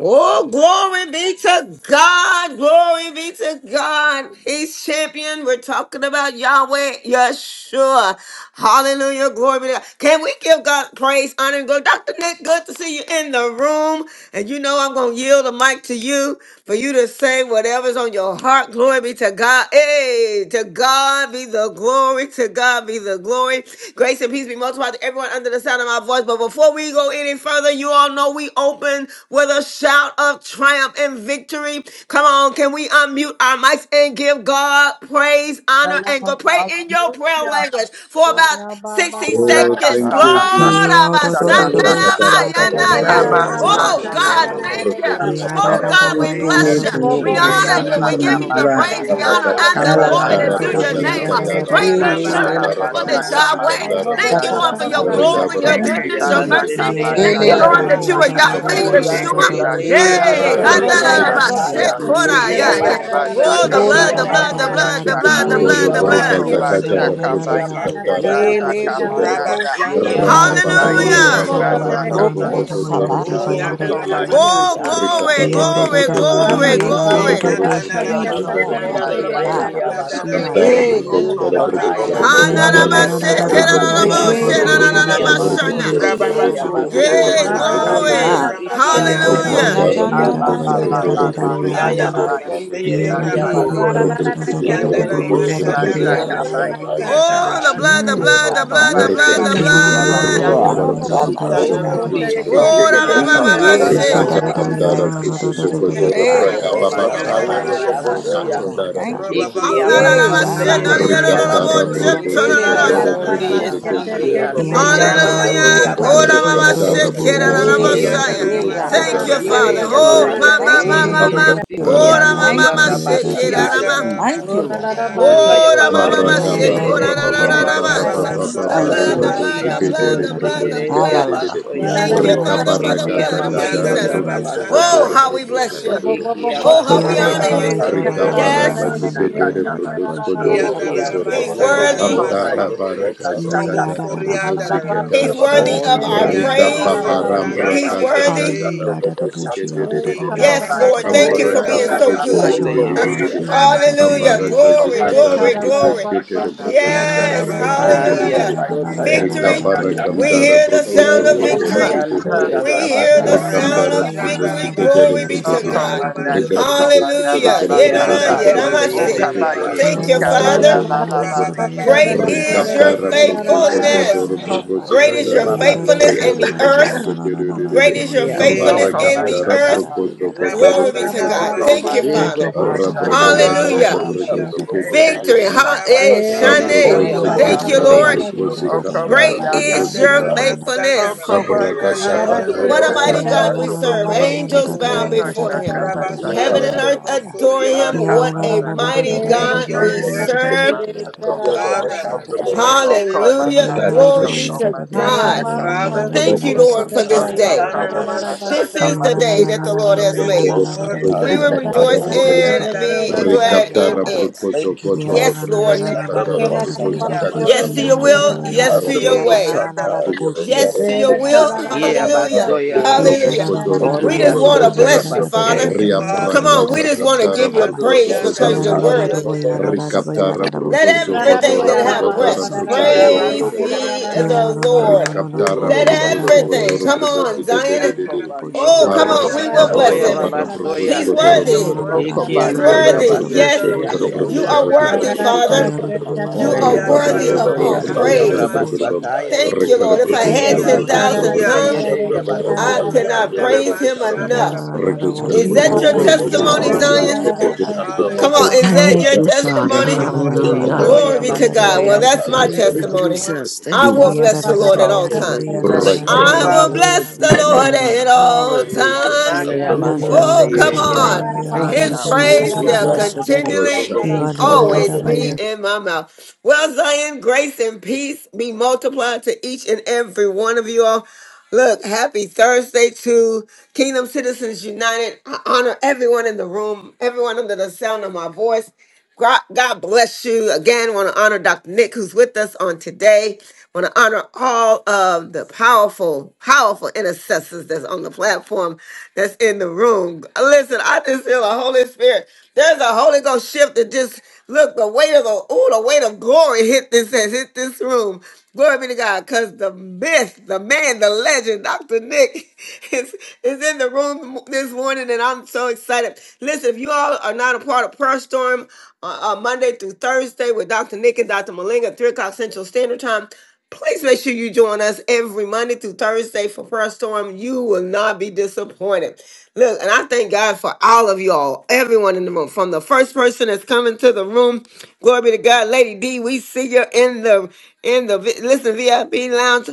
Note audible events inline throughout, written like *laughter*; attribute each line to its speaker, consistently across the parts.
Speaker 1: Oh, glory be to God. Glory be to God. He's champion. We're talking about Yahweh, Yeshua. Hallelujah. Glory be to God. Can we give God praise, honor, and glory? Dr. Nick, good to see you in the room. And you know I'm going to yield the mic to you for you to say whatever's on your heart. Glory be to God. Hey, to God be the glory. To God be the glory. Grace and peace be multiplied to everyone under the sound of my voice. But before we go any further, you all know we open with a shout shout of triumph and victory. Come on, can we unmute our mics and give God praise, honor, and go
Speaker 2: Roll
Speaker 1: pray in your prayer language for about
Speaker 3: Aya ba ba
Speaker 1: 60
Speaker 3: ba
Speaker 4: Oh,
Speaker 3: ba da
Speaker 1: seconds.
Speaker 4: thank
Speaker 3: da
Speaker 4: you,
Speaker 3: da ba
Speaker 1: Lord,
Speaker 4: Jesus.
Speaker 5: Yo do do do do boshi
Speaker 4: Rabrakatara
Speaker 5: ya da
Speaker 3: da
Speaker 5: da
Speaker 3: da
Speaker 5: ba ya
Speaker 3: da da da
Speaker 5: na
Speaker 4: barakatere
Speaker 6: Rama
Speaker 3: da
Speaker 5: na
Speaker 3: da
Speaker 5: na
Speaker 3: ba
Speaker 1: Oh
Speaker 7: Rekele
Speaker 4: brokozo
Speaker 3: da
Speaker 6: Sanda
Speaker 5: boshi ya
Speaker 1: God,
Speaker 3: da
Speaker 6: Rama
Speaker 3: da da
Speaker 5: da
Speaker 4: kotoro
Speaker 5: ba
Speaker 1: thank you.
Speaker 4: brokoze
Speaker 6: Sukuri
Speaker 3: da da da da ba
Speaker 5: ya da
Speaker 6: Anda
Speaker 1: Oh
Speaker 4: kaptara
Speaker 5: da
Speaker 6: Rama
Speaker 5: da
Speaker 1: God,
Speaker 5: ba
Speaker 1: we
Speaker 6: Se
Speaker 5: ya da
Speaker 1: bless
Speaker 5: da
Speaker 1: you.
Speaker 4: barakaptara
Speaker 3: bo
Speaker 1: We
Speaker 5: boshi
Speaker 3: bo
Speaker 7: broko
Speaker 4: brokoze
Speaker 5: ya
Speaker 3: bo
Speaker 5: no
Speaker 6: Ianda
Speaker 3: bo
Speaker 5: no
Speaker 1: honor
Speaker 5: no
Speaker 6: Rama
Speaker 1: you.
Speaker 7: siki
Speaker 1: We
Speaker 5: no
Speaker 3: kuch
Speaker 5: no
Speaker 3: ke
Speaker 1: give
Speaker 5: bo
Speaker 6: Shori
Speaker 1: you
Speaker 5: bo
Speaker 1: the
Speaker 7: libra
Speaker 6: Anda
Speaker 5: ya
Speaker 3: te re
Speaker 5: da
Speaker 6: Rama
Speaker 1: praise, the
Speaker 5: da
Speaker 3: da da
Speaker 1: honor,
Speaker 3: da
Speaker 4: Baraka
Speaker 3: da
Speaker 1: and
Speaker 3: da
Speaker 1: the
Speaker 3: ba
Speaker 6: Sukuri
Speaker 5: ya
Speaker 7: alala
Speaker 5: na
Speaker 6: Anda
Speaker 1: glory
Speaker 3: se
Speaker 5: na da
Speaker 4: para
Speaker 1: that's
Speaker 5: da
Speaker 3: ke
Speaker 1: due
Speaker 6: Rama
Speaker 5: bo
Speaker 3: re
Speaker 1: your
Speaker 5: bo
Speaker 7: bakoshi
Speaker 3: re
Speaker 6: Se
Speaker 5: ya
Speaker 1: name.
Speaker 3: re
Speaker 5: da
Speaker 3: re
Speaker 5: da
Speaker 7: amane
Speaker 3: re
Speaker 5: da
Speaker 4: brakazikatara
Speaker 5: da
Speaker 3: da
Speaker 5: da
Speaker 1: Great
Speaker 3: da
Speaker 7: kele
Speaker 1: is
Speaker 3: ba
Speaker 1: your
Speaker 5: boshi
Speaker 3: sa
Speaker 6: Rababa
Speaker 5: ya da
Speaker 7: lela
Speaker 3: ya
Speaker 4: brakuzikatara
Speaker 5: da da ba
Speaker 6: Sanda
Speaker 1: faithfulness,
Speaker 5: ya
Speaker 7: bakoshi
Speaker 5: na na
Speaker 6: Rama
Speaker 5: na
Speaker 1: Yahweh.
Speaker 5: na
Speaker 3: bo
Speaker 5: na
Speaker 4: barakazikatara
Speaker 3: bo
Speaker 6: Sanda
Speaker 5: na
Speaker 3: bo
Speaker 1: Thank
Speaker 5: bo
Speaker 3: bo
Speaker 1: you,
Speaker 4: brakero
Speaker 5: ya
Speaker 3: bo
Speaker 1: Lord,
Speaker 7: bakaka
Speaker 5: da
Speaker 6: Rama
Speaker 1: for
Speaker 3: bo
Speaker 5: da
Speaker 1: your
Speaker 3: da
Speaker 5: boshi
Speaker 6: Shori
Speaker 7: amane
Speaker 3: da
Speaker 4: rika
Speaker 5: ya
Speaker 1: glory,
Speaker 3: da
Speaker 5: da
Speaker 1: your
Speaker 6: Anda
Speaker 3: da
Speaker 5: da ba
Speaker 6: Rama
Speaker 3: ke
Speaker 1: goodness,
Speaker 7: siki
Speaker 4: barakuzikere
Speaker 3: re
Speaker 1: your
Speaker 3: re
Speaker 1: mercy.
Speaker 4: barakere
Speaker 3: re
Speaker 8: Yabasete
Speaker 3: re
Speaker 5: yeah,
Speaker 3: re
Speaker 5: da
Speaker 3: da
Speaker 1: Thank
Speaker 7: ele
Speaker 5: da
Speaker 1: you,
Speaker 3: da
Speaker 5: da
Speaker 7: lela
Speaker 4: barakere
Speaker 3: ba
Speaker 1: Lord,
Speaker 5: da ba
Speaker 6: Ekarama
Speaker 1: that
Speaker 8: Yandiaso,
Speaker 3: sa
Speaker 1: you
Speaker 5: ya
Speaker 1: are
Speaker 5: da
Speaker 7: bakoshi
Speaker 6: Shori
Speaker 5: da
Speaker 4: brakuzikara
Speaker 7: aba
Speaker 5: bo
Speaker 1: Yahweh,
Speaker 8: O
Speaker 6: Anda
Speaker 5: bo bo ya da
Speaker 4: brakuzikara
Speaker 8: Yando
Speaker 1: Yeshua.
Speaker 5: da bo shi
Speaker 7: rele
Speaker 8: Yareki
Speaker 5: ya na
Speaker 6: Yanda
Speaker 7: lela
Speaker 5: na
Speaker 4: brakuzikatara
Speaker 1: Yay!
Speaker 3: ya
Speaker 5: na
Speaker 8: Amando
Speaker 6: Rama
Speaker 5: na
Speaker 3: bo bo
Speaker 5: na
Speaker 7: bakoshi
Speaker 3: bo
Speaker 5: na
Speaker 6: Se
Speaker 5: da
Speaker 3: bo
Speaker 5: ba
Speaker 1: Handaraba,
Speaker 3: bo
Speaker 5: ya
Speaker 7: amane
Speaker 5: da
Speaker 4: brakuzikatara
Speaker 5: da
Speaker 8: Yarabasaya,
Speaker 3: kuch
Speaker 5: bo
Speaker 3: ke
Speaker 7: kele
Speaker 5: shi
Speaker 1: Sekora,
Speaker 5: ya
Speaker 3: te
Speaker 5: da
Speaker 3: re
Speaker 5: da
Speaker 1: yeah,
Speaker 7: bro
Speaker 5: ba.
Speaker 6: Ianda
Speaker 3: ke
Speaker 1: yeah.
Speaker 3: da
Speaker 6: Rama
Speaker 3: da
Speaker 8: Yabason
Speaker 4: brakuzikatara
Speaker 8: de
Speaker 3: da da
Speaker 1: Oh,
Speaker 6: Shori
Speaker 1: the
Speaker 3: re re
Speaker 6: Anda
Speaker 5: Isha
Speaker 8: Yerehi
Speaker 1: blood,
Speaker 5: da
Speaker 1: the
Speaker 6: Rama
Speaker 7: olola
Speaker 3: da
Speaker 5: da
Speaker 3: da
Speaker 1: blood,
Speaker 4: Katara
Speaker 5: ba
Speaker 1: the
Speaker 3: ba
Speaker 5: ba
Speaker 7: amane
Speaker 8: Abaso,
Speaker 5: ya
Speaker 1: blood, the
Speaker 5: da
Speaker 7: kiki
Speaker 5: da
Speaker 2: up,
Speaker 1: blood, the
Speaker 7: le
Speaker 5: bo
Speaker 8: O
Speaker 1: blood,
Speaker 5: yo
Speaker 4: Brokotoro
Speaker 1: the
Speaker 5: no
Speaker 3: ora
Speaker 5: no
Speaker 1: blood.
Speaker 5: no
Speaker 7: broko
Speaker 3: ke
Speaker 5: no
Speaker 4: Brkaza
Speaker 5: no
Speaker 8: Yababason de
Speaker 5: no
Speaker 2: Under
Speaker 3: ke
Speaker 5: no
Speaker 2: the
Speaker 4: Katara
Speaker 7: shia
Speaker 5: no
Speaker 3: te
Speaker 5: no
Speaker 2: most
Speaker 3: re
Speaker 8: Yerehi
Speaker 5: no
Speaker 4: Brokosi
Speaker 5: no
Speaker 2: high,
Speaker 3: da da
Speaker 5: bo
Speaker 8: Amando
Speaker 5: bo
Speaker 3: da
Speaker 2: under
Speaker 3: da
Speaker 4: Katara
Speaker 5: ya
Speaker 2: the
Speaker 3: da
Speaker 5: da da
Speaker 3: da
Speaker 2: most
Speaker 7: rele
Speaker 5: ba
Speaker 4: Brokosu
Speaker 3: da da
Speaker 5: shi
Speaker 2: high.
Speaker 8: Yarabasi,
Speaker 5: ya
Speaker 3: ba
Speaker 4: Kotoro
Speaker 5: da
Speaker 4: Baba
Speaker 6: Rabba
Speaker 5: ba.
Speaker 7: broko
Speaker 2: Yeah,
Speaker 6: Sanda
Speaker 8: Iki
Speaker 2: the most
Speaker 5: Ya
Speaker 7: shamandi
Speaker 4: Raka
Speaker 6: Rama
Speaker 5: da da
Speaker 4: baba
Speaker 8: Amason de
Speaker 5: do
Speaker 2: high,
Speaker 3: Bobo
Speaker 7: kile
Speaker 4: baba
Speaker 6: Sotori
Speaker 5: ya
Speaker 2: under
Speaker 5: da
Speaker 1: Hallelujah.
Speaker 5: da
Speaker 4: baba
Speaker 3: bobo
Speaker 6: Anda
Speaker 8: Yerehi
Speaker 2: the
Speaker 5: bo ya
Speaker 4: bara
Speaker 6: Rama
Speaker 2: most
Speaker 3: bodere
Speaker 5: na
Speaker 2: high,
Speaker 5: na
Speaker 4: broko
Speaker 5: na
Speaker 7: broko
Speaker 8: Abasoya,
Speaker 5: da
Speaker 6: Ke
Speaker 5: da
Speaker 4: toko
Speaker 5: bo ya
Speaker 4: toro
Speaker 6: Robo
Speaker 5: da da ba
Speaker 4: broko
Speaker 6: Shi
Speaker 8: O
Speaker 7: sabaka
Speaker 5: ya
Speaker 6: Anda
Speaker 5: da
Speaker 2: under
Speaker 7: nai
Speaker 8: de
Speaker 5: da
Speaker 2: the
Speaker 5: ba
Speaker 6: Rama
Speaker 5: ya
Speaker 2: most high,
Speaker 4: toko
Speaker 5: da
Speaker 6: Se
Speaker 7: kamano
Speaker 5: da
Speaker 8: Siki
Speaker 1: Oh,
Speaker 5: ba.
Speaker 4: Rika
Speaker 8: Andon
Speaker 7: koshia
Speaker 8: de
Speaker 1: glory,
Speaker 5: Ya
Speaker 4: baraka
Speaker 5: da da
Speaker 8: Yerehi
Speaker 1: glory,
Speaker 5: da ba ya
Speaker 4: ziketere
Speaker 5: na na
Speaker 3: Baba
Speaker 1: glory,
Speaker 5: na
Speaker 4: bruko
Speaker 5: na
Speaker 8: Abasoya,
Speaker 3: baba
Speaker 5: na
Speaker 6: Hey,
Speaker 7: Ilibro
Speaker 5: no
Speaker 1: glory.
Speaker 3: baba
Speaker 5: do
Speaker 6: na
Speaker 4: kukotoro
Speaker 5: bo
Speaker 6: na na
Speaker 5: shi
Speaker 4: bruko
Speaker 6: la
Speaker 8: Kataya
Speaker 5: ya
Speaker 7: koshiki
Speaker 3: kasha
Speaker 5: da da bo
Speaker 4: ziketere
Speaker 6: basori
Speaker 5: bo
Speaker 7: libaka
Speaker 3: kathare
Speaker 5: ya
Speaker 6: anda
Speaker 8: Mamason
Speaker 4: bruko
Speaker 5: da
Speaker 8: de
Speaker 5: da
Speaker 6: la
Speaker 3: kere
Speaker 5: ya
Speaker 4: tebakere.
Speaker 2: under
Speaker 7: ma
Speaker 5: da
Speaker 3: dera
Speaker 8: Yerehi
Speaker 5: da
Speaker 2: the
Speaker 6: basori
Speaker 5: ba ya
Speaker 2: most
Speaker 6: anda
Speaker 3: baba.
Speaker 5: shi
Speaker 4: Rika
Speaker 6: la
Speaker 5: ya
Speaker 2: high,
Speaker 8: Abaso,
Speaker 5: da
Speaker 4: dara
Speaker 5: da ba
Speaker 7: he
Speaker 6: bashe.
Speaker 4: bruko
Speaker 5: ya na
Speaker 8: O
Speaker 5: na
Speaker 4: chkara
Speaker 5: na
Speaker 2: under
Speaker 5: ba.
Speaker 2: the most high. Under
Speaker 4: bruko
Speaker 7: lelabakushi
Speaker 2: the
Speaker 6: Raba
Speaker 8: Shakaya
Speaker 4: chkara
Speaker 6: ba
Speaker 2: most
Speaker 6: ba
Speaker 7: anama
Speaker 8: Ando
Speaker 4: bruko
Speaker 5: Yada
Speaker 3: Bora
Speaker 2: high,
Speaker 4: chkara
Speaker 2: under
Speaker 6: basori
Speaker 4: bu.
Speaker 1: Hananama,
Speaker 3: kara
Speaker 7: noko
Speaker 2: the
Speaker 6: anda
Speaker 8: Yarabandi
Speaker 6: la
Speaker 2: most
Speaker 4: Rika
Speaker 2: high,
Speaker 4: bruko
Speaker 8: Abasoya.
Speaker 6: masanda
Speaker 1: Sekerabo,
Speaker 9: Oh.
Speaker 2: under
Speaker 3: kere
Speaker 6: la
Speaker 7: reke
Speaker 4: chkara
Speaker 2: the
Speaker 4: bruko
Speaker 2: most
Speaker 7: lebro
Speaker 2: high,
Speaker 8: Iki
Speaker 3: dera
Speaker 6: masete.
Speaker 4: chkara
Speaker 1: Senanama,
Speaker 2: under the
Speaker 3: baba.
Speaker 4: bruko
Speaker 8: amason
Speaker 1: shana.
Speaker 7: koshiki
Speaker 8: de
Speaker 4: chkara
Speaker 2: most
Speaker 6: Raba
Speaker 2: high.
Speaker 4: bruko
Speaker 8: yerehi
Speaker 7: ilebro
Speaker 6: basori
Speaker 4: ziketere
Speaker 8: abaso.
Speaker 6: anda
Speaker 1: Yay,
Speaker 3: Bora
Speaker 6: la
Speaker 4: bruko
Speaker 7: okosaba
Speaker 2: Yeah, the
Speaker 3: baba
Speaker 6: masete
Speaker 2: most
Speaker 8: Kundi
Speaker 4: zukotoro.
Speaker 7: ma
Speaker 1: glory.
Speaker 3: basta
Speaker 2: high,
Speaker 8: siti
Speaker 2: under
Speaker 6: ramasi
Speaker 3: kothare
Speaker 2: the
Speaker 6: anda
Speaker 8: andon
Speaker 3: kere
Speaker 6: la
Speaker 8: de
Speaker 2: most
Speaker 1: Hallelujah.
Speaker 2: high,
Speaker 4: Ricaptara
Speaker 6: boso.
Speaker 8: yerehi
Speaker 7: manakana
Speaker 2: under the
Speaker 3: dera
Speaker 2: most
Speaker 4: Brucoso
Speaker 8: abaso
Speaker 3: baba.
Speaker 8: ya.
Speaker 2: high,
Speaker 7: manoko
Speaker 4: Cotoro
Speaker 6: Robo
Speaker 2: under the
Speaker 6: sori
Speaker 7: koshi.
Speaker 4: Brucoso
Speaker 6: anda
Speaker 2: most high.
Speaker 6: la
Speaker 4: Cotoro
Speaker 8: Ayamason de
Speaker 4: Brucos
Speaker 6: maseke
Speaker 8: yerehi
Speaker 4: Carabraga
Speaker 7: reke
Speaker 2: Oh,
Speaker 6: rabasi.
Speaker 2: the
Speaker 3: Bora
Speaker 8: abaso.
Speaker 7: lebro
Speaker 2: most
Speaker 3: baba
Speaker 4: Record
Speaker 7: koshi
Speaker 2: high,
Speaker 3: kasha
Speaker 4: Brucos
Speaker 2: under
Speaker 6: Yanda
Speaker 7: amana
Speaker 2: the
Speaker 6: la
Speaker 4: Corabrucos
Speaker 8: Undi
Speaker 2: most high,
Speaker 6: masanda
Speaker 2: under
Speaker 3: kere
Speaker 4: Corabrucos
Speaker 8: siti
Speaker 2: the
Speaker 6: la
Speaker 7: keleda
Speaker 2: most
Speaker 8: ando
Speaker 3: dera
Speaker 4: Sacara
Speaker 7: baku
Speaker 8: ya
Speaker 3: basta
Speaker 6: basori
Speaker 2: high.
Speaker 6: anda
Speaker 3: tha.
Speaker 6: la
Speaker 1: Oh, the
Speaker 8: rabasaya.
Speaker 1: blood, the
Speaker 7: mm
Speaker 4: Brucos
Speaker 2: Yeah,
Speaker 6: basete.
Speaker 2: the
Speaker 1: blood,
Speaker 2: most high, under the
Speaker 1: the blood, the
Speaker 8: Akando ya
Speaker 1: blood,
Speaker 6: Raba
Speaker 4: Record
Speaker 7: liki
Speaker 1: the
Speaker 4: Brucos
Speaker 8: reki
Speaker 2: most
Speaker 6: basotori
Speaker 1: blood.
Speaker 8: abaso
Speaker 4: Corabrucos
Speaker 3: Bobo
Speaker 6: anda
Speaker 7: libra
Speaker 6: la
Speaker 8: ya.
Speaker 3: bobo
Speaker 2: high, under the most
Speaker 4: Corabrucos
Speaker 3: bobo
Speaker 6: bashika
Speaker 2: high.
Speaker 3: so
Speaker 6: na
Speaker 7: babasha
Speaker 6: la
Speaker 4: Corabrucos
Speaker 3: kothare
Speaker 8: Undi
Speaker 6: maso.
Speaker 3: kere
Speaker 1: Oh,
Speaker 8: siti
Speaker 3: dera
Speaker 1: Rabba,
Speaker 4: Corabrucos
Speaker 6: Raba
Speaker 3: kere
Speaker 6: ba
Speaker 8: andon de
Speaker 1: Baba,
Speaker 3: dera
Speaker 7: ye
Speaker 2: Sandalabosataya
Speaker 6: basanda
Speaker 8: yerehi
Speaker 4: Recaza
Speaker 7: God the
Speaker 6: la
Speaker 3: basta
Speaker 8: abaso.
Speaker 2: Robosite,
Speaker 4: Camdara
Speaker 7: blood of
Speaker 6: basete.
Speaker 7: Jesus
Speaker 4: Brucoso
Speaker 3: tha
Speaker 6: E
Speaker 3: kere
Speaker 4: Cotoro
Speaker 7: Hey,
Speaker 8: Ushataya
Speaker 3: kere
Speaker 4: Braca
Speaker 8: ando
Speaker 3: dera
Speaker 4: Baba
Speaker 6: karabasi
Speaker 8: ya
Speaker 4: Baba
Speaker 6: anda
Speaker 3: kere
Speaker 2: Sandalabosataya
Speaker 6: da
Speaker 4: Bara
Speaker 7: My
Speaker 8: rabandi
Speaker 3: dera baba.
Speaker 7: God,
Speaker 4: Brucosa
Speaker 7: my
Speaker 6: ramasotoro.
Speaker 8: asoya.
Speaker 2: Robosite,
Speaker 7: God.
Speaker 4: Camdara
Speaker 7: Thank you,
Speaker 4: Brucosi
Speaker 7: Lord.
Speaker 8: Iki
Speaker 6: Rababasori
Speaker 4: Catara
Speaker 7: Yay,
Speaker 6: anda
Speaker 8: amason de
Speaker 2: Robosite,
Speaker 7: Abba.
Speaker 8: yerehi
Speaker 6: ramashanda da
Speaker 4: Ricaptara
Speaker 8: abaso.
Speaker 6: ramasotoro.
Speaker 4: Brucoso
Speaker 7: Ekele la
Speaker 1: Hallelujah.
Speaker 4: Cotoro
Speaker 2: Yerobosandalabosataya,
Speaker 7: bakushi
Speaker 8: Ondi
Speaker 3: Alarabasso,
Speaker 4: Brequese
Speaker 8: esi i
Speaker 4: Ketere
Speaker 7: amande
Speaker 6: Yandararamasatara.
Speaker 8: ande
Speaker 7: kele
Speaker 8: ya
Speaker 2: Yerobosite,
Speaker 4: Brucotor
Speaker 7: broko
Speaker 8: rabandi ya
Speaker 1: Hallelujah.
Speaker 7: saba.
Speaker 1: Ora mama
Speaker 8: basoya.
Speaker 4: Ricaptara
Speaker 6: Rabasoryandararabashete.
Speaker 1: shekera
Speaker 2: Yerobosandalabosataya,
Speaker 1: la la
Speaker 8: Ondi
Speaker 7: Yay,
Speaker 4: brucosikatara
Speaker 2: Yerobosite,
Speaker 8: esi
Speaker 1: bosaya.
Speaker 7: yay,
Speaker 8: i
Speaker 7: God.
Speaker 1: Thank
Speaker 3: Kara
Speaker 8: andonde
Speaker 4: brucosikatara
Speaker 1: you, Father.
Speaker 8: yere
Speaker 6: Yandararamasandarabashe.
Speaker 7: Yay,
Speaker 3: kere
Speaker 8: ya
Speaker 5: Yada
Speaker 1: Oh,
Speaker 4: brucosikatara
Speaker 3: kara
Speaker 7: God.
Speaker 3: la
Speaker 8: babaso.
Speaker 1: mama,
Speaker 7: Thank
Speaker 1: mama,
Speaker 7: you.
Speaker 2: Yerobosataya,
Speaker 8: Ondi
Speaker 1: mama.
Speaker 8: esi
Speaker 4: amdatara
Speaker 8: ti
Speaker 1: Ora
Speaker 2: Yerobosite,
Speaker 8: ando
Speaker 1: mama
Speaker 8: ya
Speaker 7: Thank
Speaker 1: mama
Speaker 7: you,
Speaker 1: shekera
Speaker 7: Jesus.
Speaker 4: brucosikatara
Speaker 8: rabasataya.
Speaker 1: mama.
Speaker 7: Thank you, Lord.
Speaker 8: Kota
Speaker 2: Yerobosandalabosataya,
Speaker 8: ya
Speaker 1: Ora mama mama
Speaker 2: Robosite,
Speaker 6: Yandararamasoryandarabashete.
Speaker 4: Maraka
Speaker 7: Thank
Speaker 8: babasonde
Speaker 7: you.
Speaker 4: ba
Speaker 5: Hallelujah.
Speaker 4: ba ba
Speaker 8: yere
Speaker 1: shekora la
Speaker 4: ba
Speaker 8: ki
Speaker 1: la
Speaker 4: ba
Speaker 8: ya
Speaker 1: la
Speaker 4: ba ba
Speaker 1: la
Speaker 7: Thank
Speaker 4: ba
Speaker 7: you,
Speaker 4: ba ba
Speaker 8: baso.
Speaker 1: basa.
Speaker 7: Jesus.
Speaker 4: ba
Speaker 1: The
Speaker 4: ba
Speaker 7: Thank
Speaker 4: ra
Speaker 7: you,
Speaker 1: blood,
Speaker 8: O
Speaker 1: the
Speaker 4: bruko
Speaker 7: Lord.
Speaker 1: blood,
Speaker 8: shi
Speaker 1: the
Speaker 6: Rabababasandararamasete.
Speaker 1: blood,
Speaker 4: siketere
Speaker 1: the
Speaker 8: andonde
Speaker 1: blood,
Speaker 4: bruko
Speaker 1: the
Speaker 8: yere ya
Speaker 7: Ala
Speaker 4: siketere
Speaker 1: blood.
Speaker 4: de
Speaker 8: basoya.
Speaker 1: Thank you,
Speaker 4: Rika
Speaker 1: Father, for
Speaker 2: Robosite,
Speaker 1: the
Speaker 8: Eki
Speaker 4: baraka
Speaker 8: ya
Speaker 1: blood of
Speaker 8: mamando
Speaker 4: zakatara
Speaker 2: Yerobosandalabosite,
Speaker 8: ya
Speaker 1: Jesus.
Speaker 4: bruko
Speaker 1: Oh,
Speaker 4: sukotoro
Speaker 8: rabasataya.
Speaker 1: how we
Speaker 4: bruko
Speaker 1: bless
Speaker 6: Yandararamasandararabosorya.
Speaker 1: you.
Speaker 4: sukotoro
Speaker 8: Eki ya
Speaker 4: bruko
Speaker 1: Oh, how we
Speaker 4: siketere
Speaker 8: basoya
Speaker 1: honor
Speaker 8: ando
Speaker 1: you.
Speaker 8: ya
Speaker 2: Sandalabosataya,
Speaker 4: Rika
Speaker 8: rebendi ya
Speaker 2: Robosite,
Speaker 4: baraka
Speaker 1: Yes,
Speaker 8: basoya.
Speaker 6: Rabababasoryandararabasheke.
Speaker 4: siketere bruko
Speaker 2: Thank
Speaker 4: sukotoro
Speaker 6: Yanda
Speaker 2: you,
Speaker 8: Eki
Speaker 4: bruko
Speaker 6: da
Speaker 8: ya
Speaker 6: da
Speaker 4: toro
Speaker 1: he's
Speaker 4: baba
Speaker 8: sotaya
Speaker 6: masanda da da
Speaker 8: ando
Speaker 1: worthy.
Speaker 8: ya
Speaker 4: Amdara
Speaker 6: masoro.
Speaker 8: rabasi.
Speaker 4: baraka
Speaker 6: Robo
Speaker 4: zakatara bruko
Speaker 6: sorianda
Speaker 3: la la la
Speaker 6: da da bas.
Speaker 1: He's
Speaker 4: siketara baba
Speaker 1: worthy of our
Speaker 8: Olia
Speaker 6: Yanda
Speaker 4: Rika
Speaker 6: da
Speaker 8: sonde
Speaker 6: da
Speaker 1: praise.
Speaker 4: papa
Speaker 8: yerehia
Speaker 6: masanda da
Speaker 1: He's
Speaker 3: başlaya.
Speaker 4: rambraka
Speaker 8: baso.
Speaker 1: worthy.
Speaker 4: zakatara
Speaker 6: bashe.
Speaker 4: bruko siketere
Speaker 3: Biri
Speaker 4: de de de
Speaker 3: kara
Speaker 4: de
Speaker 3: la
Speaker 1: Yes,
Speaker 3: la
Speaker 6: Ikaraba
Speaker 1: Lord.
Speaker 3: kara
Speaker 1: Thank you
Speaker 8: Oya
Speaker 1: for
Speaker 6: sorianda
Speaker 4: Ambraka
Speaker 1: being
Speaker 6: da da
Speaker 8: baba
Speaker 1: so
Speaker 3: kere
Speaker 1: good.
Speaker 3: kara la
Speaker 4: siketere
Speaker 3: la
Speaker 4: de
Speaker 8: sonde
Speaker 6: masete.
Speaker 4: de de de
Speaker 8: yerehia
Speaker 4: de
Speaker 1: *laughs*
Speaker 3: başlaya.
Speaker 6: Rama
Speaker 8: baso.
Speaker 1: hallelujah.
Speaker 6: sete
Speaker 4: Ambaraka
Speaker 6: yada
Speaker 1: Glory,
Speaker 3: Yere
Speaker 4: zikatara
Speaker 6: robosha.
Speaker 1: glory,
Speaker 3: kararara
Speaker 1: glory.
Speaker 3: bak,
Speaker 4: brokoshketere
Speaker 3: koş koş
Speaker 5: Yada
Speaker 6: Yanda
Speaker 4: brokoshkata
Speaker 6: da
Speaker 1: Yes,
Speaker 3: katarara
Speaker 4: brokoshketere
Speaker 6: basorianda
Speaker 8: Alia
Speaker 4: dide.
Speaker 6: da
Speaker 1: hallelujah.
Speaker 3: kararara
Speaker 6: bas.
Speaker 3: bak.
Speaker 8: sota yandia
Speaker 1: Victory.
Speaker 4: Rikabara
Speaker 8: soya.
Speaker 1: We
Speaker 4: kamdara
Speaker 1: hear the sound
Speaker 4: brokoso
Speaker 3: Yere
Speaker 1: of
Speaker 8: Oye
Speaker 3: baba
Speaker 4: kotoro
Speaker 1: victory.
Speaker 3: baba
Speaker 8: siando
Speaker 3: rara
Speaker 8: ya
Speaker 1: We
Speaker 4: brokoshketere.
Speaker 1: hear the
Speaker 3: katarara
Speaker 2: Father.
Speaker 8: rabasaya.
Speaker 6: Uramba
Speaker 1: sound
Speaker 3: kararara
Speaker 4: Rikamdara
Speaker 1: of
Speaker 3: bak.
Speaker 6: shanda
Speaker 1: victory.
Speaker 6: da
Speaker 4: brokoshketere
Speaker 1: Glory be
Speaker 6: basete
Speaker 1: to
Speaker 4: brokoshketere.
Speaker 6: yanda da
Speaker 1: God.
Speaker 2: Hallelujah.
Speaker 4: Rikara
Speaker 2: Thank
Speaker 6: maseke.
Speaker 4: brokoshketere
Speaker 1: Hallelujah.
Speaker 4: kara
Speaker 8: Eya
Speaker 6: Yanda
Speaker 1: Yenana,
Speaker 8: baba
Speaker 6: da da
Speaker 4: brokoshketere
Speaker 8: sonde
Speaker 1: yeramase.
Speaker 6: masanda da
Speaker 8: yerehia
Speaker 4: brokoshketere
Speaker 1: Thank
Speaker 6: basete.
Speaker 8: baso.
Speaker 1: you,
Speaker 2: you,
Speaker 4: brokoso
Speaker 2: Father.
Speaker 3: Yere
Speaker 1: Father.
Speaker 4: kotoro
Speaker 3: barara
Speaker 4: brokotoro.
Speaker 6: Rababa
Speaker 1: Great
Speaker 3: katarara
Speaker 1: is
Speaker 6: sorianda da
Speaker 3: kerere
Speaker 1: your
Speaker 4: Rikabdara
Speaker 6: mashende
Speaker 4: brokoso
Speaker 6: da
Speaker 3: kerarara
Speaker 6: da
Speaker 1: faithfulness.
Speaker 4: kotoro
Speaker 3: bak.
Speaker 6: basete.
Speaker 1: Great is
Speaker 8: Oya
Speaker 4: brokoshkatara
Speaker 1: your
Speaker 8: baba
Speaker 6: Mm.
Speaker 1: faithfulness
Speaker 8: soya.
Speaker 1: in
Speaker 4: brokoshkotoro
Speaker 1: the earth.
Speaker 4: brokoshketere dide.
Speaker 1: Great is your
Speaker 8: Iki ando ya
Speaker 6: Hey.
Speaker 1: faithfulness in
Speaker 4: Ambarakata
Speaker 1: the earth.
Speaker 8: rabasotaya.
Speaker 4: rabrokoto kotoro
Speaker 1: Glory be
Speaker 3: Aya
Speaker 1: to
Speaker 6: Rabasanda
Speaker 1: God.
Speaker 3: baba
Speaker 4: brekesekedede.
Speaker 3: baba
Speaker 1: Thank you,
Speaker 3: rara
Speaker 6: Namaseke.
Speaker 5: Thank
Speaker 1: Father.
Speaker 5: you, Father.
Speaker 3: katarara
Speaker 5: Hallelujah.
Speaker 3: kararara
Speaker 5: Da
Speaker 4: Rabrakasakata
Speaker 5: da
Speaker 1: Hallelujah.
Speaker 5: bo
Speaker 3: bak.
Speaker 5: shi
Speaker 2: Thank
Speaker 5: ya
Speaker 6: Hallelujah.
Speaker 5: da
Speaker 2: you,
Speaker 5: da bo ya da
Speaker 2: Lord.
Speaker 5: da
Speaker 1: Victory.
Speaker 5: da bo
Speaker 4: rabrokosekedede.
Speaker 1: Ha-
Speaker 5: ya da da.
Speaker 1: eh,
Speaker 3: Yere
Speaker 6: Rabasende de
Speaker 2: Thank
Speaker 1: Shande.
Speaker 2: you,
Speaker 5: Ya
Speaker 3: kere
Speaker 8: Oya
Speaker 5: na na
Speaker 2: Father.
Speaker 5: do
Speaker 8: baba
Speaker 1: Thank
Speaker 5: do
Speaker 1: you,
Speaker 6: Raboshata.
Speaker 5: do
Speaker 3: kararara
Speaker 4: Rambrokoseketara
Speaker 5: do
Speaker 3: bak,
Speaker 5: bo
Speaker 8: soya.
Speaker 1: Lord.
Speaker 5: shi
Speaker 2: Shabda
Speaker 5: ya da
Speaker 3: kere
Speaker 2: Lama
Speaker 5: da da bo ya
Speaker 4: brokosekatara
Speaker 1: Great
Speaker 5: da da bo
Speaker 3: kararara
Speaker 5: ya
Speaker 1: is
Speaker 3: bak.
Speaker 6: Yanda
Speaker 5: na na
Speaker 1: your
Speaker 5: na
Speaker 4: brokosekata.
Speaker 5: na
Speaker 2: Sataya.
Speaker 5: na do do
Speaker 6: Ramasanda
Speaker 5: bo
Speaker 1: faithfulness.
Speaker 5: shi ya da da bo ya da
Speaker 2: I'm
Speaker 3: Arara
Speaker 6: Rabashorianda
Speaker 5: da.
Speaker 2: the
Speaker 4: Abrakashakatara
Speaker 6: Rabas.
Speaker 1: What
Speaker 2: Lama
Speaker 1: a
Speaker 3: kişi
Speaker 1: mighty
Speaker 4: bara-
Speaker 5: Ya na
Speaker 1: God
Speaker 5: na
Speaker 1: we
Speaker 2: Sataya,
Speaker 3: ketarara
Speaker 5: na
Speaker 2: the
Speaker 5: na
Speaker 1: serve.
Speaker 5: na
Speaker 2: Lama
Speaker 3: bak,
Speaker 5: na
Speaker 4: bara
Speaker 2: Sataya,
Speaker 5: na
Speaker 6: Thank you,
Speaker 5: da
Speaker 3: kere
Speaker 1: Angels
Speaker 5: da da bo
Speaker 1: bow
Speaker 6: Lord.
Speaker 5: ya
Speaker 4: brokosekata.
Speaker 5: da da
Speaker 1: before
Speaker 5: da bo
Speaker 1: him.
Speaker 5: ya
Speaker 3: kerarara
Speaker 5: da da bo
Speaker 4: Katara
Speaker 5: shi
Speaker 1: Heaven
Speaker 3: bak.
Speaker 2: the
Speaker 5: ya
Speaker 6: Rabasanda
Speaker 1: and
Speaker 5: da da
Speaker 1: earth
Speaker 5: ba
Speaker 4: baraka.
Speaker 5: ya.
Speaker 1: adore him.
Speaker 6: Ramosorianda
Speaker 5: Yeah, no,
Speaker 6: Rabas.
Speaker 1: What
Speaker 5: no, no,
Speaker 1: a
Speaker 5: no,
Speaker 3: Thank
Speaker 5: no, no, no, no,
Speaker 1: mighty
Speaker 5: no, no,
Speaker 6: Thank
Speaker 1: God
Speaker 6: you,
Speaker 5: yeah, da,
Speaker 1: we
Speaker 5: yeah,
Speaker 6: Lord.
Speaker 5: da, yeah,
Speaker 1: serve.
Speaker 5: da, yeah, da, da, da, da, bush, yeah, da, da,
Speaker 6: Haramasende de
Speaker 1: Hallelujah.
Speaker 5: Yeah, no,
Speaker 6: Raboshanda.
Speaker 5: no, no,
Speaker 1: Glory
Speaker 5: no,
Speaker 1: be
Speaker 5: yeah, da,
Speaker 1: to
Speaker 5: da, yeah, da,
Speaker 6: Thank you,
Speaker 5: da,
Speaker 1: God.
Speaker 5: ba, yeah, na, na,
Speaker 6: Father.
Speaker 5: na, na,
Speaker 1: Thank
Speaker 5: na,
Speaker 1: you,
Speaker 5: da, da,
Speaker 1: Lord, for
Speaker 5: bush, yeah,
Speaker 1: this
Speaker 5: da, da,
Speaker 1: day.
Speaker 5: da, da,
Speaker 6: Ikana
Speaker 5: da.
Speaker 1: This
Speaker 6: Ramasanda
Speaker 1: is
Speaker 5: Yeah,
Speaker 1: the
Speaker 5: na,
Speaker 6: Ramas.
Speaker 5: na,
Speaker 1: day
Speaker 5: na,
Speaker 1: that
Speaker 5: na,
Speaker 1: the
Speaker 5: na, na,
Speaker 1: Lord
Speaker 5: na,
Speaker 1: has
Speaker 5: na,
Speaker 6: Thank
Speaker 5: na,
Speaker 1: made.
Speaker 6: you,
Speaker 5: na, na, da, da,
Speaker 6: Lord.
Speaker 5: yeah,
Speaker 1: We
Speaker 5: da,
Speaker 1: will
Speaker 5: da, da, da, da,
Speaker 1: rejoice
Speaker 5: da, da, da, da, da,
Speaker 1: and
Speaker 6: Orianda
Speaker 5: yeah, da,
Speaker 1: be
Speaker 5: da,
Speaker 1: glad
Speaker 5: yeah, da,
Speaker 1: in
Speaker 4: Ricatara
Speaker 6: Ramasikanda
Speaker 1: it.
Speaker 4: brocoso
Speaker 6: Rabash.
Speaker 5: Yana
Speaker 4: cotoro
Speaker 1: Yes,
Speaker 5: na na na
Speaker 1: Lord.
Speaker 5: na
Speaker 4: bricasi
Speaker 5: na na na na
Speaker 4: catara
Speaker 5: na
Speaker 6: Yandarabasete
Speaker 4: brocosi
Speaker 5: yada da
Speaker 4: catara
Speaker 1: Yes
Speaker 5: bushi
Speaker 6: yabaso.
Speaker 1: to your
Speaker 5: yada da
Speaker 4: brocosi
Speaker 1: will.
Speaker 5: da yada
Speaker 1: Yes
Speaker 4: catara
Speaker 1: to
Speaker 5: da
Speaker 1: your
Speaker 5: yada
Speaker 6: Hey,
Speaker 5: na
Speaker 1: way.
Speaker 5: na. na na da
Speaker 6: yandarabase.
Speaker 5: bushi
Speaker 1: Yes
Speaker 5: yada
Speaker 4: maricatara
Speaker 1: to
Speaker 5: da
Speaker 1: your
Speaker 5: yada
Speaker 1: will.
Speaker 5: da
Speaker 4: brocosa
Speaker 1: *laughs*
Speaker 8: Iya
Speaker 5: yada da
Speaker 4: catara
Speaker 1: Hallelujah.
Speaker 2: Lama
Speaker 8: basoya.
Speaker 5: he
Speaker 4: brocoso
Speaker 5: shada
Speaker 1: Hallelujah.
Speaker 5: da
Speaker 4: cotoro
Speaker 2: Sataya, the
Speaker 5: yada
Speaker 1: We
Speaker 5: na
Speaker 8: Ondia
Speaker 1: just
Speaker 5: na
Speaker 4: brocoso
Speaker 5: na
Speaker 1: want
Speaker 5: na
Speaker 1: to
Speaker 5: na
Speaker 8: sota
Speaker 5: na na
Speaker 4: cotoro
Speaker 8: ya
Speaker 1: bless
Speaker 5: na na
Speaker 1: you,
Speaker 5: na
Speaker 2: Lama
Speaker 5: na
Speaker 8: base.
Speaker 1: Father.
Speaker 6: Thank you,
Speaker 4: Ria
Speaker 5: yada
Speaker 2: Sataya.
Speaker 5: da
Speaker 1: Come
Speaker 6: Father.
Speaker 1: on,
Speaker 5: yada
Speaker 1: we
Speaker 4: bracaza
Speaker 5: da
Speaker 1: just want to
Speaker 5: yada na.
Speaker 4: captara
Speaker 1: give
Speaker 5: na
Speaker 1: you
Speaker 5: ma
Speaker 2: Under the
Speaker 6: Ramasi
Speaker 4: brocoso
Speaker 1: praise
Speaker 2: most
Speaker 1: because
Speaker 2: high,
Speaker 1: you're
Speaker 5: yana na
Speaker 4: cotoro
Speaker 5: na
Speaker 2: you
Speaker 5: da
Speaker 1: worthy.
Speaker 2: know
Speaker 6: yandarabashande
Speaker 2: the
Speaker 5: yada da
Speaker 2: most.
Speaker 5: da
Speaker 4: Ricaptara
Speaker 5: yada
Speaker 6: derabosata.
Speaker 5: da
Speaker 1: Let
Speaker 5: bushi yada
Speaker 6: Thank
Speaker 5: da
Speaker 6: you,
Speaker 1: everything
Speaker 4: brocosocotoro
Speaker 1: that
Speaker 2: Under
Speaker 6: Lord.
Speaker 1: have
Speaker 5: yana
Speaker 2: the
Speaker 5: na na
Speaker 4: bricatara
Speaker 2: most
Speaker 5: da
Speaker 1: breath
Speaker 2: high,
Speaker 5: bushi
Speaker 2: you
Speaker 4: brocotoro
Speaker 5: yada
Speaker 2: know
Speaker 5: da
Speaker 1: praise
Speaker 2: the
Speaker 5: ba
Speaker 6: Rabasi
Speaker 4: bricatara
Speaker 2: most.
Speaker 1: ye
Speaker 4: brocoto.
Speaker 5: yana
Speaker 1: the
Speaker 5: na na na
Speaker 1: Lord.
Speaker 5: na na
Speaker 2: Rule
Speaker 5: na
Speaker 6: yandarabasandarabash.
Speaker 4: Ricaptara
Speaker 2: the
Speaker 5: He
Speaker 1: Let
Speaker 2: most
Speaker 5: Yada da
Speaker 2: under the
Speaker 5: da
Speaker 1: everything.
Speaker 2: most
Speaker 4: brocosocotoro
Speaker 5: yada
Speaker 1: Come
Speaker 6: Hey,
Speaker 5: da da
Speaker 2: high.
Speaker 1: on,
Speaker 5: da
Speaker 4: bricasicete.
Speaker 1: Zion.
Speaker 5: yada da bushi
Speaker 2: Under
Speaker 1: Oh,
Speaker 5: yada
Speaker 2: the
Speaker 1: come
Speaker 5: da
Speaker 6: yandarabasoto
Speaker 1: on.
Speaker 2: most
Speaker 1: We
Speaker 4: Maraca
Speaker 5: bushi
Speaker 1: will
Speaker 2: high,
Speaker 4: papa
Speaker 5: yada
Speaker 2: you
Speaker 1: bless
Speaker 8: Oya
Speaker 2: know
Speaker 5: da
Speaker 4: papa
Speaker 6: yandarabash.
Speaker 2: the
Speaker 1: him.
Speaker 8: baba
Speaker 4: para
Speaker 5: yada
Speaker 8: soya.
Speaker 1: He's
Speaker 4: brocoscotoro
Speaker 5: Thank
Speaker 6: Thank you,
Speaker 1: worthy.
Speaker 4: brocoto
Speaker 6: Lord.
Speaker 4: brocoto.
Speaker 8: Iki
Speaker 2: yeah
Speaker 1: He's
Speaker 2: the
Speaker 8: ando ya
Speaker 4: Rica
Speaker 2: most.
Speaker 1: worthy.
Speaker 6: Ramasi
Speaker 2: You
Speaker 1: Yes,
Speaker 2: know
Speaker 8: basete
Speaker 4: brocoscoticara
Speaker 2: the
Speaker 8: yandia
Speaker 6: yandarabosori
Speaker 1: you
Speaker 2: most
Speaker 8: so.
Speaker 1: are
Speaker 2: under the
Speaker 4: brocoscoticara
Speaker 1: worthy,
Speaker 3: Glory.
Speaker 6: yandarabash.
Speaker 2: most
Speaker 4: brocoscara
Speaker 1: Father.
Speaker 2: high.
Speaker 4: brocoto.
Speaker 1: You
Speaker 8: Oya
Speaker 1: are
Speaker 4: Rica
Speaker 8: baba
Speaker 1: worthy
Speaker 2: Yeah
Speaker 1: of
Speaker 2: the
Speaker 4: brocoscara
Speaker 8: soya
Speaker 1: all
Speaker 2: most under
Speaker 8: andoya
Speaker 2: the
Speaker 4: brocoscara
Speaker 1: praise.
Speaker 2: most
Speaker 4: brocoto.
Speaker 6: Yandarabasandaramasete.
Speaker 2: high. You
Speaker 8: rabasataya.
Speaker 1: Thank you,
Speaker 4: Rica
Speaker 1: Lord.
Speaker 2: know
Speaker 1: If I
Speaker 6: Thank
Speaker 8: Ikia
Speaker 1: had
Speaker 5: you,
Speaker 4: brocoscara
Speaker 6: you,
Speaker 8: baba
Speaker 5: Lord.
Speaker 6: thank
Speaker 4: brocoscara
Speaker 1: 10,000
Speaker 6: you.
Speaker 8: sonde
Speaker 1: tongues,
Speaker 8: yere
Speaker 2: the most under the
Speaker 4: brocoscara brocoscara
Speaker 2: most
Speaker 8: yabaso.
Speaker 1: I could
Speaker 2: high.
Speaker 1: not
Speaker 2: You know
Speaker 4: brocoscara
Speaker 2: the
Speaker 1: praise him
Speaker 2: most.
Speaker 4: brocoscara
Speaker 1: enough.
Speaker 6: Oriandaramashandarabase.
Speaker 4: Rakachkara
Speaker 1: Is
Speaker 10: Hallelujah.
Speaker 1: that
Speaker 2: Rule
Speaker 1: your
Speaker 4: Prakachkara
Speaker 10: Thank
Speaker 2: the
Speaker 10: you,
Speaker 6: Thank
Speaker 2: most
Speaker 6: you,
Speaker 1: testimony,
Speaker 10: Father.
Speaker 4: Prakachkara
Speaker 2: high,
Speaker 6: Lord.
Speaker 2: you know
Speaker 1: Zion?
Speaker 2: the
Speaker 1: *laughs*
Speaker 4: Prakachkara
Speaker 2: most under the
Speaker 1: Come on,
Speaker 4: Prakachkato
Speaker 2: most
Speaker 1: is
Speaker 2: high.
Speaker 6: Hallelujah.
Speaker 1: that
Speaker 10: Thank
Speaker 1: your
Speaker 10: you, Father.
Speaker 6: Thank
Speaker 1: testimony?
Speaker 4: Rakandara
Speaker 6: you, Lord
Speaker 2: Yeah the
Speaker 6: Jesus.
Speaker 4: Brakaza
Speaker 10: Hallelujah.
Speaker 2: most
Speaker 1: Glory
Speaker 8: Oya
Speaker 1: be
Speaker 2: under
Speaker 1: to
Speaker 2: the
Speaker 4: Kandara
Speaker 1: God.
Speaker 2: most
Speaker 1: Well,
Speaker 8: masoya.
Speaker 1: that's
Speaker 2: high.
Speaker 1: my
Speaker 2: You know
Speaker 10: Thank
Speaker 4: Prakachkara
Speaker 2: the
Speaker 6: Thank
Speaker 10: you,
Speaker 6: you,
Speaker 2: most.
Speaker 1: testimony.
Speaker 5: Yada
Speaker 6: Lord.
Speaker 10: Jesus.
Speaker 4: Brakababa
Speaker 10: Thank
Speaker 1: I
Speaker 10: you,
Speaker 4: Prakachkara
Speaker 1: will
Speaker 5: Yada
Speaker 1: bless
Speaker 5: da
Speaker 1: the
Speaker 10: Jesus.
Speaker 5: da da
Speaker 1: Lord at all
Speaker 5: yada da
Speaker 1: times.
Speaker 2: Hallelujah.
Speaker 5: yada da
Speaker 10: Bless
Speaker 5: na
Speaker 6: Thank
Speaker 10: your
Speaker 2: Thank
Speaker 5: na
Speaker 2: you,
Speaker 6: you,
Speaker 5: na
Speaker 4: Brakaba
Speaker 1: I
Speaker 5: na
Speaker 4: Baba
Speaker 2: Lord.
Speaker 10: name.
Speaker 5: na
Speaker 1: will
Speaker 5: na
Speaker 6: Father.
Speaker 5: na
Speaker 4: Baba
Speaker 10: Glory
Speaker 5: na
Speaker 1: bless
Speaker 10: to
Speaker 5: na
Speaker 1: the
Speaker 10: your
Speaker 5: na na
Speaker 1: Lord
Speaker 5: na na
Speaker 10: name.
Speaker 4: Prakachkara
Speaker 1: at
Speaker 5: da da da
Speaker 1: all
Speaker 5: da
Speaker 2: Hallelujah.
Speaker 5: yada.
Speaker 1: times.
Speaker 6: My
Speaker 8: Ea
Speaker 5: Ya
Speaker 6: God.
Speaker 5: no
Speaker 10: Hallelujah.
Speaker 5: no
Speaker 2: Shandababasa.
Speaker 8: masonde
Speaker 1: Oh,
Speaker 5: no da
Speaker 1: come
Speaker 8: yere
Speaker 5: da ba
Speaker 4: Prakachkara
Speaker 6: Thank
Speaker 1: on.
Speaker 5: yada
Speaker 8: yabaso.
Speaker 6: you,
Speaker 5: ya lo
Speaker 6: Father.
Speaker 5: da
Speaker 10: Thank you,
Speaker 1: His
Speaker 5: da ba yada
Speaker 10: Jesus.
Speaker 1: praise
Speaker 5: da
Speaker 10: We
Speaker 5: da
Speaker 1: shall
Speaker 5: lo da
Speaker 10: bless
Speaker 2: Worabasa.
Speaker 5: da
Speaker 10: your
Speaker 5: da
Speaker 10: name.
Speaker 5: de.
Speaker 1: continually
Speaker 4: Prakachkara
Speaker 5: You
Speaker 6: Thank
Speaker 10: We
Speaker 5: are
Speaker 2: Yadabasa.
Speaker 5: da da da
Speaker 1: always
Speaker 5: da ba
Speaker 10: glorify
Speaker 2: Shandababasa.
Speaker 1: be
Speaker 4: Prakachkara
Speaker 5: yada.
Speaker 10: you.
Speaker 1: in my mouth. Well, Zion, grace and peace be multiplied to each and every one of you all. Look, happy Thursday to Kingdom Citizens United. I honor everyone in the room, everyone under the sound of my voice. God God bless you. Again, want to honor Dr. Nick, who's with us on today. Want to honor all of the powerful, powerful intercessors that's on the platform, that's in the room. Listen, I just feel the Holy Spirit. There's a Holy Ghost shift that just look the weight of the oh the weight of glory hit this hit this room. Glory be to God, because the myth, the man, the legend, Dr. Nick *laughs* is, is in the room this morning, and I'm so excited. Listen, if you all are not a part of Prayer Storm, uh, uh, Monday through Thursday with Dr. Nick and Dr. Malinga at 3 o'clock Central Standard Time. Please make sure you join us every Monday through Thursday for Prayer Storm. You will not be disappointed. Look, and I thank God for all of y'all, everyone in the room, from the first person that's coming to the room. Glory be to God, Lady D. We see you in the in the listen VIP lounge.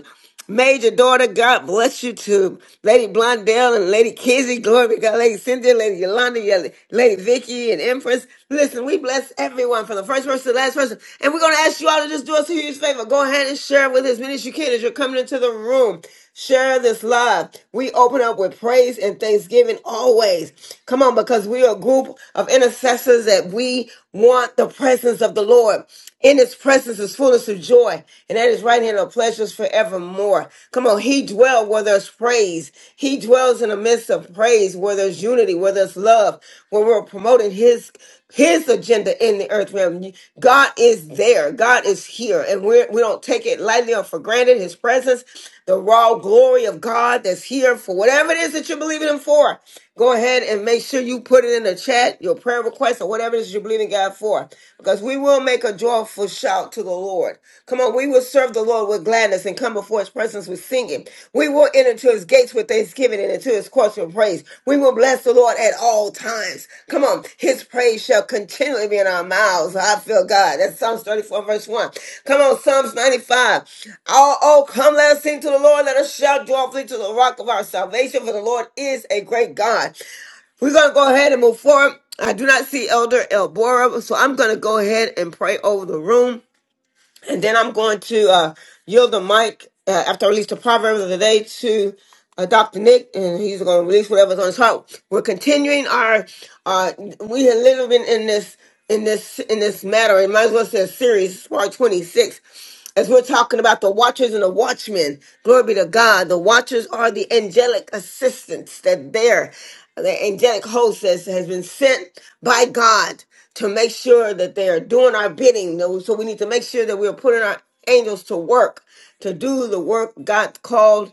Speaker 1: Major daughter, God bless you too. Lady Blondell and Lady Kizzy, glory be to God, Lady Cynthia, Lady Yolanda, Ye- Lady Vicky, and Empress. Listen, we bless everyone from the first person to the last person. And we're going to ask you all to just do us a huge favor. Go ahead and share with as many as you can as you're coming into the room. Share this live. We open up with praise and thanksgiving always. Come on, because we are a group of intercessors that we want the presence of the Lord. In his presence is fullness of joy, and at his right hand are pleasures forevermore. Come on, he dwells where there's praise. He dwells in the midst of praise, where there's unity, where there's love, where we're promoting his his agenda in the earth realm. God is there. God is here, and we're, we don't take it lightly or for granted. His presence, the raw glory of God that's here for whatever it is that you're believing Him for. Go ahead and make sure you put it in the chat, your prayer request, or whatever it is you're believing God for because we will make a joyful shout to the Lord. Come on, we will serve the Lord with gladness and come before his presence with singing. We will enter into his gates with thanksgiving and into his courts with praise. We will bless the Lord at all times. Come on, his praise shall continually be in our mouths. I feel God. That's Psalms 34, verse 1. Come on, Psalms 95. Oh, oh, come, let us sing to the Lord. Let us shout joyfully to the rock of our salvation, for the Lord is a great God. We're going to go ahead and move forward. I do not see Elder Elbora, so I'm going to go ahead and pray over the room. And then I'm going to uh, yield the mic uh, after I release the proverbs of the day to uh, Dr. Nick, and he's going to release whatever's on his heart. We're continuing our. Uh, we have literally been in this in this in this matter. It might as well say a series, part 26. As we're talking about the watchers and the watchmen, glory be to God. The watchers are the angelic assistants that there, the angelic host has, has been sent by God to make sure that they're doing our bidding. No, So we need to make sure that we're putting our angels to work to do the work God called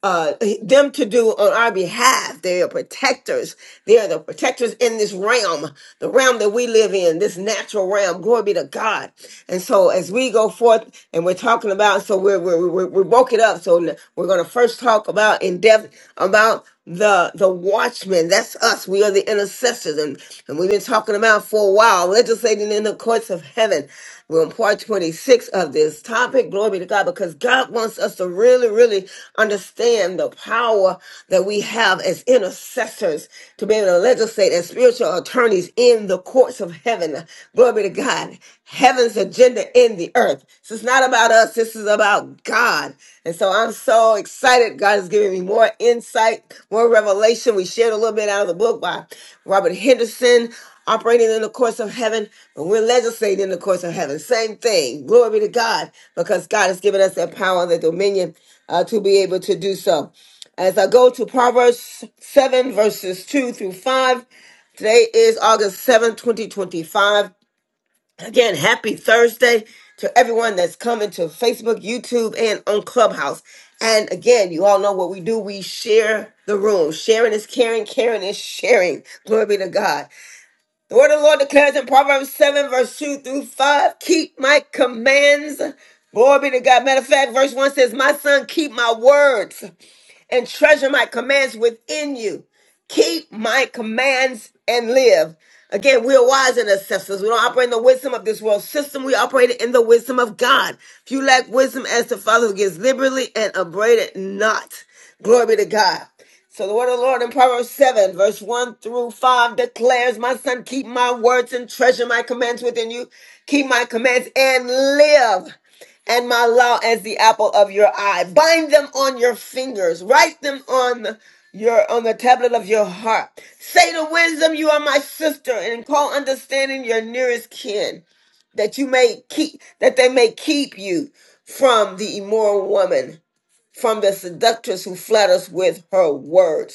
Speaker 1: uh, them to do on our behalf. They are protectors. They are the protectors in this realm, the realm that we live in, this natural realm. Glory be to God. And so as we go forth and we're talking about, so we're, we're, we're, we're broken up. So we're going to first talk about in depth about the the watchmen. That's us. We are the intercessors, and, and we've been talking about for a while, legislating in the courts of heaven. We're on part 26 of this topic. Glory be to God, because God wants us to really, really understand the power that we have as intercessors to be able to legislate as spiritual attorneys in the courts of heaven. Glory be to God heaven's agenda in the earth. This is not about us, this is about God. And so I'm so excited. God is giving me more insight, more revelation. We shared a little bit out of the book by Robert Henderson. Operating in the course of heaven, but we're legislating in the course of heaven. Same thing. Glory be to God, because God has given us that power and the dominion uh, to be able to do so. As I go to Proverbs 7, verses 2 through 5, Today is August 7, 2025. Again, happy Thursday to everyone that's coming to Facebook, YouTube, and on Clubhouse. And again, you all know what we do. We share the room. Sharing is caring, caring is sharing. Glory be to God. The word of the Lord declares in Proverbs 7, verse 2 through 5 keep my commands. Glory be to God. Matter of fact, verse 1 says, My son, keep my words and treasure my commands within you. Keep my commands and live. Again, we are wise intercessors. We don't operate in the wisdom of this world system. We operate in the wisdom of God. If you lack wisdom as the Father who gives liberally and upbraided not. Glory be to God. So the word of the Lord in Proverbs 7, verse 1 through 5 declares, My son, keep my words and treasure my commands within you. Keep my commands and live and my law as the apple of your eye. Bind them on your fingers. Write them on your on the tablet of your heart. Say to wisdom, you are my sister, and call understanding your nearest kin, that you may keep that they may keep you from the immoral woman, from the seductress who flatters with her words.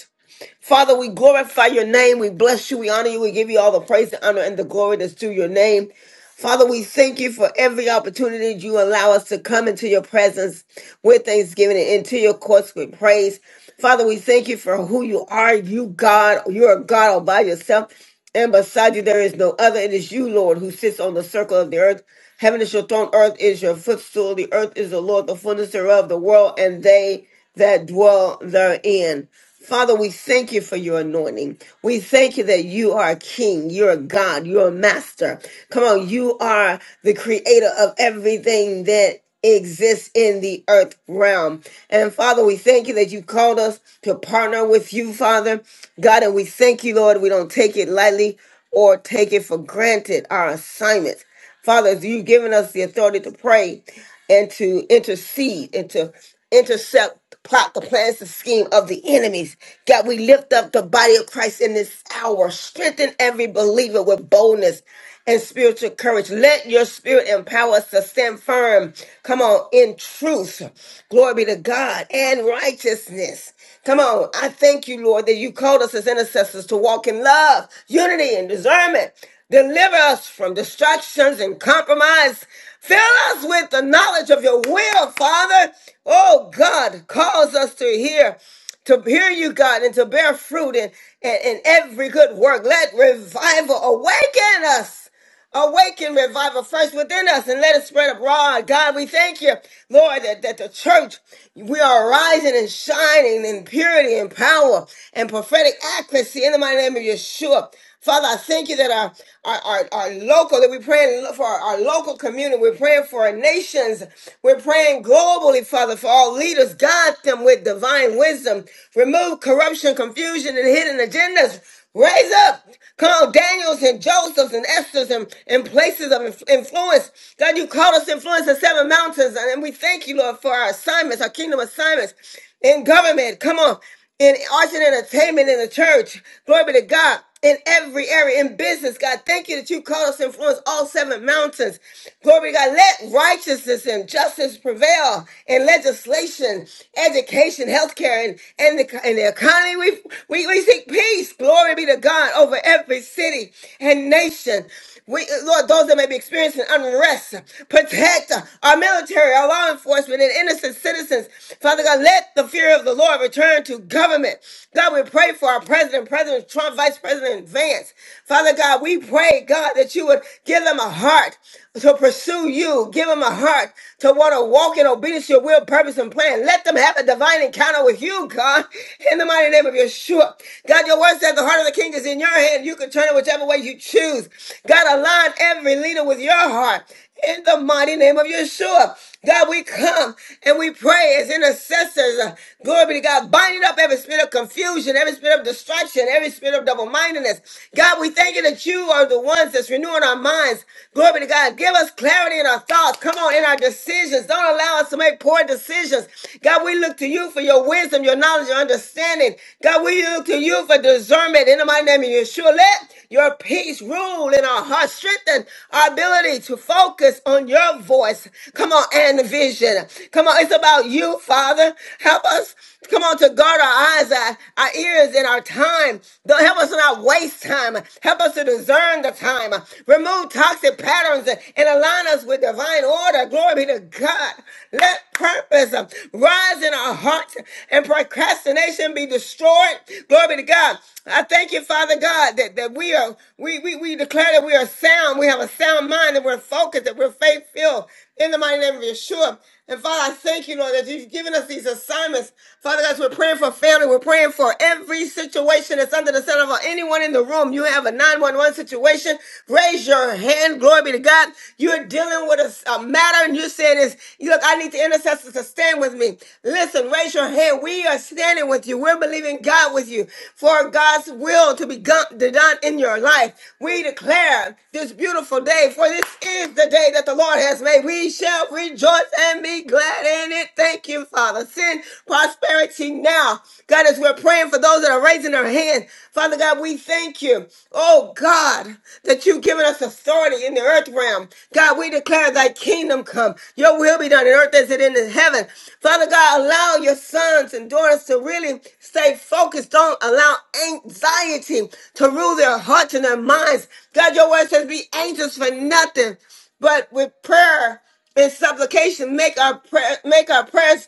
Speaker 1: Father, we glorify your name. We bless you. We honor you. We give you all the praise, the honor, and the glory that's due your name. Father, we thank you for every opportunity you allow us to come into your presence with thanksgiving and into your courts with praise. Father, we thank you for who you are. You, God, you are God all by yourself. And beside you, there is no other. It is you, Lord, who sits on the circle of the earth. Heaven is your throne, earth is your footstool. The earth is the Lord, the fullness thereof, the world, and they that dwell therein. Father, we thank you for your anointing. We thank you that you are a king, you're a God, you're a master. Come on, you are the creator of everything that exists in the earth realm. And Father, we thank you that you called us to partner with you, Father. God, and we thank you, Lord, we don't take it lightly or take it for granted, our assignments. Father, as you've given us the authority to pray and to intercede and to intercept the plot, the plans, the scheme of the enemies. God, we lift up the body of Christ in this hour. Strengthen every believer with boldness and spiritual courage. Let your spirit empower us to stand firm. Come on, in truth. Glory be to God and righteousness. Come on. I thank you, Lord, that you called us as intercessors to walk in love, unity, and discernment. Deliver us from distractions and compromise. Fill us with the knowledge of your will, Father. Oh God, cause us to hear, to hear you, God, and to bear fruit in, in, in every good work. Let revival awaken us Awaken revival first within us and let it spread abroad. God, we thank you, Lord, that, that the church, we are rising and shining in purity and power and prophetic accuracy in the mighty name of Yeshua. Father, I thank you that our, our, our, our local, that we're praying for our, our local community. We're praying for our nations. We're praying globally, Father, for all leaders. Guide them with divine wisdom. Remove corruption, confusion, and hidden agendas. Raise up, call Daniels and Josephs and Esther's and, and places of inf- influence. God, you called us to influence the seven mountains, and we thank you, Lord, for our assignments, our kingdom assignments in government. Come on, in arts and entertainment in the church. Glory be to God in every area in business, God. Thank you that you called us to influence all seven mountains. Glory to God. Let righteousness and justice prevail in legislation, education, healthcare, and, and, the, and the economy. We, we, we seek peace. Glory be to God over every city and nation. We, uh, Lord, those that may be experiencing unrest, protect our military, our law enforcement, and innocent citizens. Father God, let the fear of the Lord return to government. God, we pray for our president, President Trump, Vice President Vance. Father God, we pray, God, that you would give them a heart to pursue you. Give them a heart to want to walk in obedience to your will, purpose, and plan. Let them have a divine encounter with you, God, in the mighty name of Yeshua. God, your word said the heart of the king is in your hand. You can turn it whichever way you choose. God, align every leader with your heart in the mighty name of Yeshua. God, we come and we pray as intercessors. Uh, Glory be to God. Binding up every spirit of confusion, every spirit of distraction, every spirit of double mindedness. God, we thank you that you are the ones that's renewing our minds. Glory be to God. Give us clarity in our thoughts. Come on, in our decisions. Don't allow us to make poor decisions. God, we look look to you for your wisdom, your knowledge, your understanding. God, we look to you for discernment in the mighty name of Yeshua. Let your peace rule in our hearts, strengthen our ability to focus on your voice. Come on, and vision. Come on, it's about you, Father. Help us. Come on, to guard our eyes, our, our ears, and our time. Don't help us not waste time. Help us to discern the time. Remove toxic patterns and align us with divine order. Glory be to God. Let purpose uh, rise in our hearts and procrastination be destroyed. Glory be to God. I thank you, Father God, that, that we are we, we we declare that we are sound. We have a sound mind and we're focused, that we're faith filled in the mighty name of Yeshua. And Father, I thank you, Lord, that you've given us these assignments. Father, as we're praying for family, we're praying for every situation that's under the sun of anyone in the room. You have a 911 situation. Raise your hand. Glory be to God. You're dealing with a, a matter and you're saying this, look, I need the intercessors to stand with me. Listen, raise your hand. We are standing with you. We're believing God with you you for God's will to be gon- to done in your life. We declare this beautiful day, for this is the day that the Lord has made. We shall rejoice and be glad in it. Thank you, Father. Send prosperity now. God, as we're praying for those that are raising their hand, Father God, we thank you. Oh God, that you've given us authority in the earth realm. God, we declare thy kingdom come. Your will be done in earth as it is in heaven. Father God, allow your sons and daughters to really stay focused. Don't allow anxiety to rule their hearts and their minds. God, your word says be anxious for nothing, but with prayer and supplication, make our prayer, make our prayers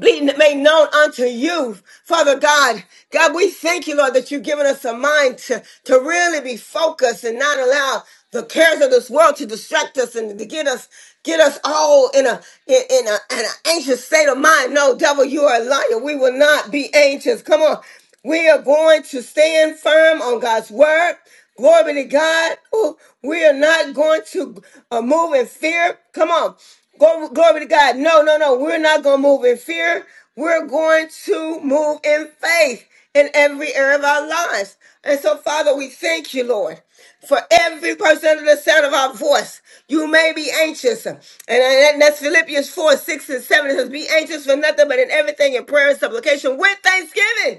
Speaker 1: be made known unto you, Father God. God, we thank you, Lord, that you've given us a mind to, to really be focused and not allow the cares of this world to distract us and to get us get us all in a in, in a in an anxious state of mind. No, devil, you are a liar. We will not be anxious. Come on. We are going to stand firm on God's word. Glory be to God. Ooh, we are not going to uh, move in fear. Come on. Go, glory to God. No, no, no. We're not going to move in fear. We're going to move in faith in every area of our lives. And so, Father, we thank you, Lord, for every person under the sound of our voice. You may be anxious. And and that's Philippians 4, 6, and 7. It says, Be anxious for nothing, but in everything in prayer and supplication with thanksgiving.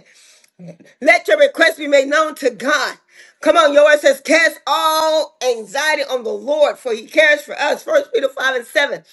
Speaker 1: Let your request be made known to God. Come on, your word says, cast all anxiety on the Lord, for he cares for us. First Peter 5 and 7.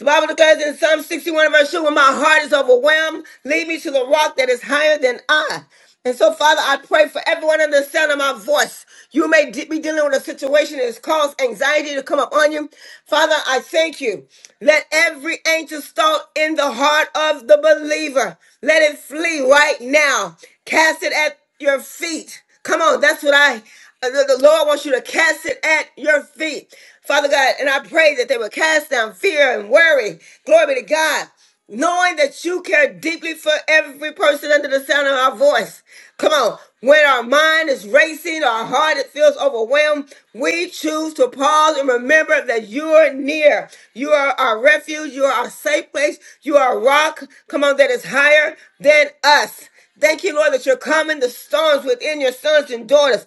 Speaker 1: The Bible declares in Psalm 61 and verse 2, when my heart is overwhelmed, lead me to the rock that is higher than I. And so, Father, I pray for everyone under the sound of my voice. You may de- be dealing with a situation that has caused anxiety to come upon you. Father, I thank you. Let every anxious thought in the heart of the believer fever. Let it flee right now. Cast it at your feet. Come on, that's what I, uh, the the Lord wants you to cast it at your feet. Father God, and I pray that they will cast down fear and worry. Glory be to God. Knowing that you care deeply for every person under the sound of our voice. Come on. When our mind is racing, our heart it feels overwhelmed, we choose to pause and remember that you're near. You are our refuge refuge. You are our safe place. You are a rock. Come on, that is higher than us. Thank you, Lord, that you're calming the storms within your sons and daughters.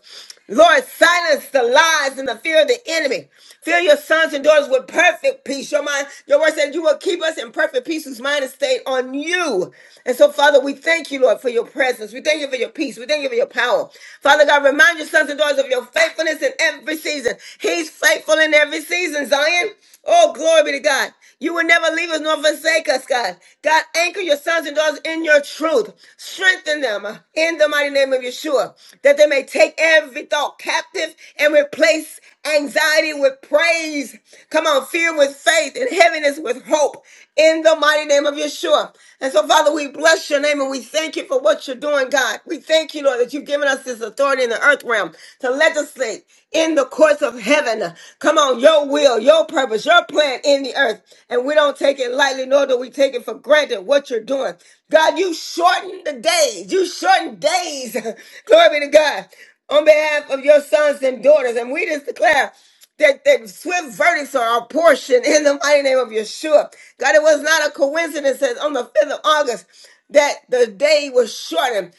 Speaker 1: Lord, silence the lies and the fear of the enemy. Fill your sons and daughters with perfect peace. Your mind, your word said you will keep us in perfect peace whose mind is stayed on you. And so, Father, we thank you, Lord, for your presence. We thank you for your peace. We thank you for your power. Father God, remind your sons and daughters of your faithfulness in every season. He's faithful in every season, Zion. Oh, glory be to God. You will never leave us nor forsake us, God. God, anchor your sons and daughters in your truth. Strengthen them uh, in the mighty name of Yeshua, that they may take every thought captive and replace anxiety with praise. Come on, fear with faith and heaviness with hope in the mighty name of Yeshua. And so, Father, we bless your name and we thank you for what you're doing, God. We thank you, Lord, that you've given us this authority in the earth realm to legislate in in the courts of heaven. Come on, your will, your purpose, your plan in the earth. And we don't take it lightly, nor do we take it for granted what you're doing. God, you shorten the days. You shorten days. *laughs* Glory be to God. On behalf of your sons and daughters. And we just declare that, that swift verdicts are our portion in the mighty name of Yeshua. God, it was not a coincidence that on the 5th of August that the day was shortened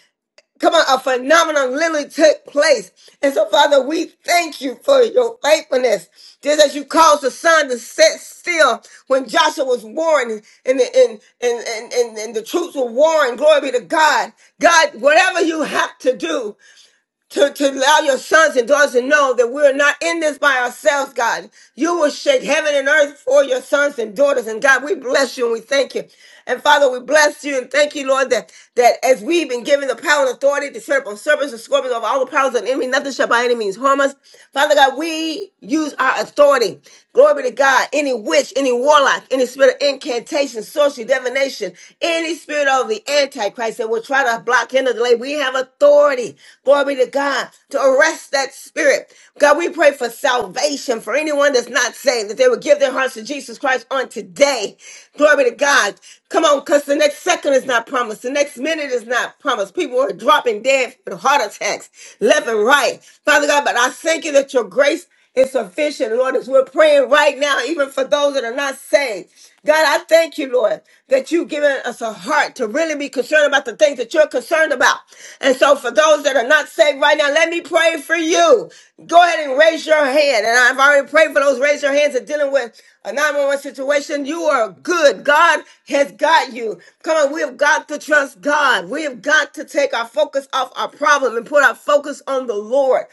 Speaker 1: come on, a phenomenon literally took place. And so, Father, we thank you for your faithfulness. Just as you caused the sun to set still when Joshua was warring and the, and, and, and, and, and the troops were warring, glory be to God. God, whatever you have to do, to, to allow your sons and daughters to know that we're not in this by ourselves, God. You will shake heaven and earth for your sons and daughters. And God, we bless you and we thank you. And Father, we bless you and thank you, Lord, that, that as we've been given the power and authority to set up on serpents and scorpions over all the powers of the enemy, nothing shall by any means harm us. Father God, we use our authority. Glory be to God. Any witch, any warlock, any spirit of incantation, sorcery, divination, any spirit spirit of the Antichrist that will try to block him delay. We have authority, glory be to God, to arrest that spirit. God, we pray for salvation for anyone that's not saved, that they would give their hearts to Jesus Christ on today. Glory be to God. Come on, because the next second is not promised. The next minute is not promised. People are dropping dead from heart attacks left and right. Father God, but I thank you that your grace is sufficient, Lord, as we're praying right now, even for those that are not saved. God, I thank you, Lord, that you've given us a heart to really be concerned about the things that you're concerned about. And so, for those that are not saved right now, let me pray for you. Go ahead and raise your hand. And I've already prayed for those raise your hands that are dealing with a 911 situation. You are good. God has got you. Come on, we have got to trust God. We have got to take our focus off our problem and put our focus on the Lord.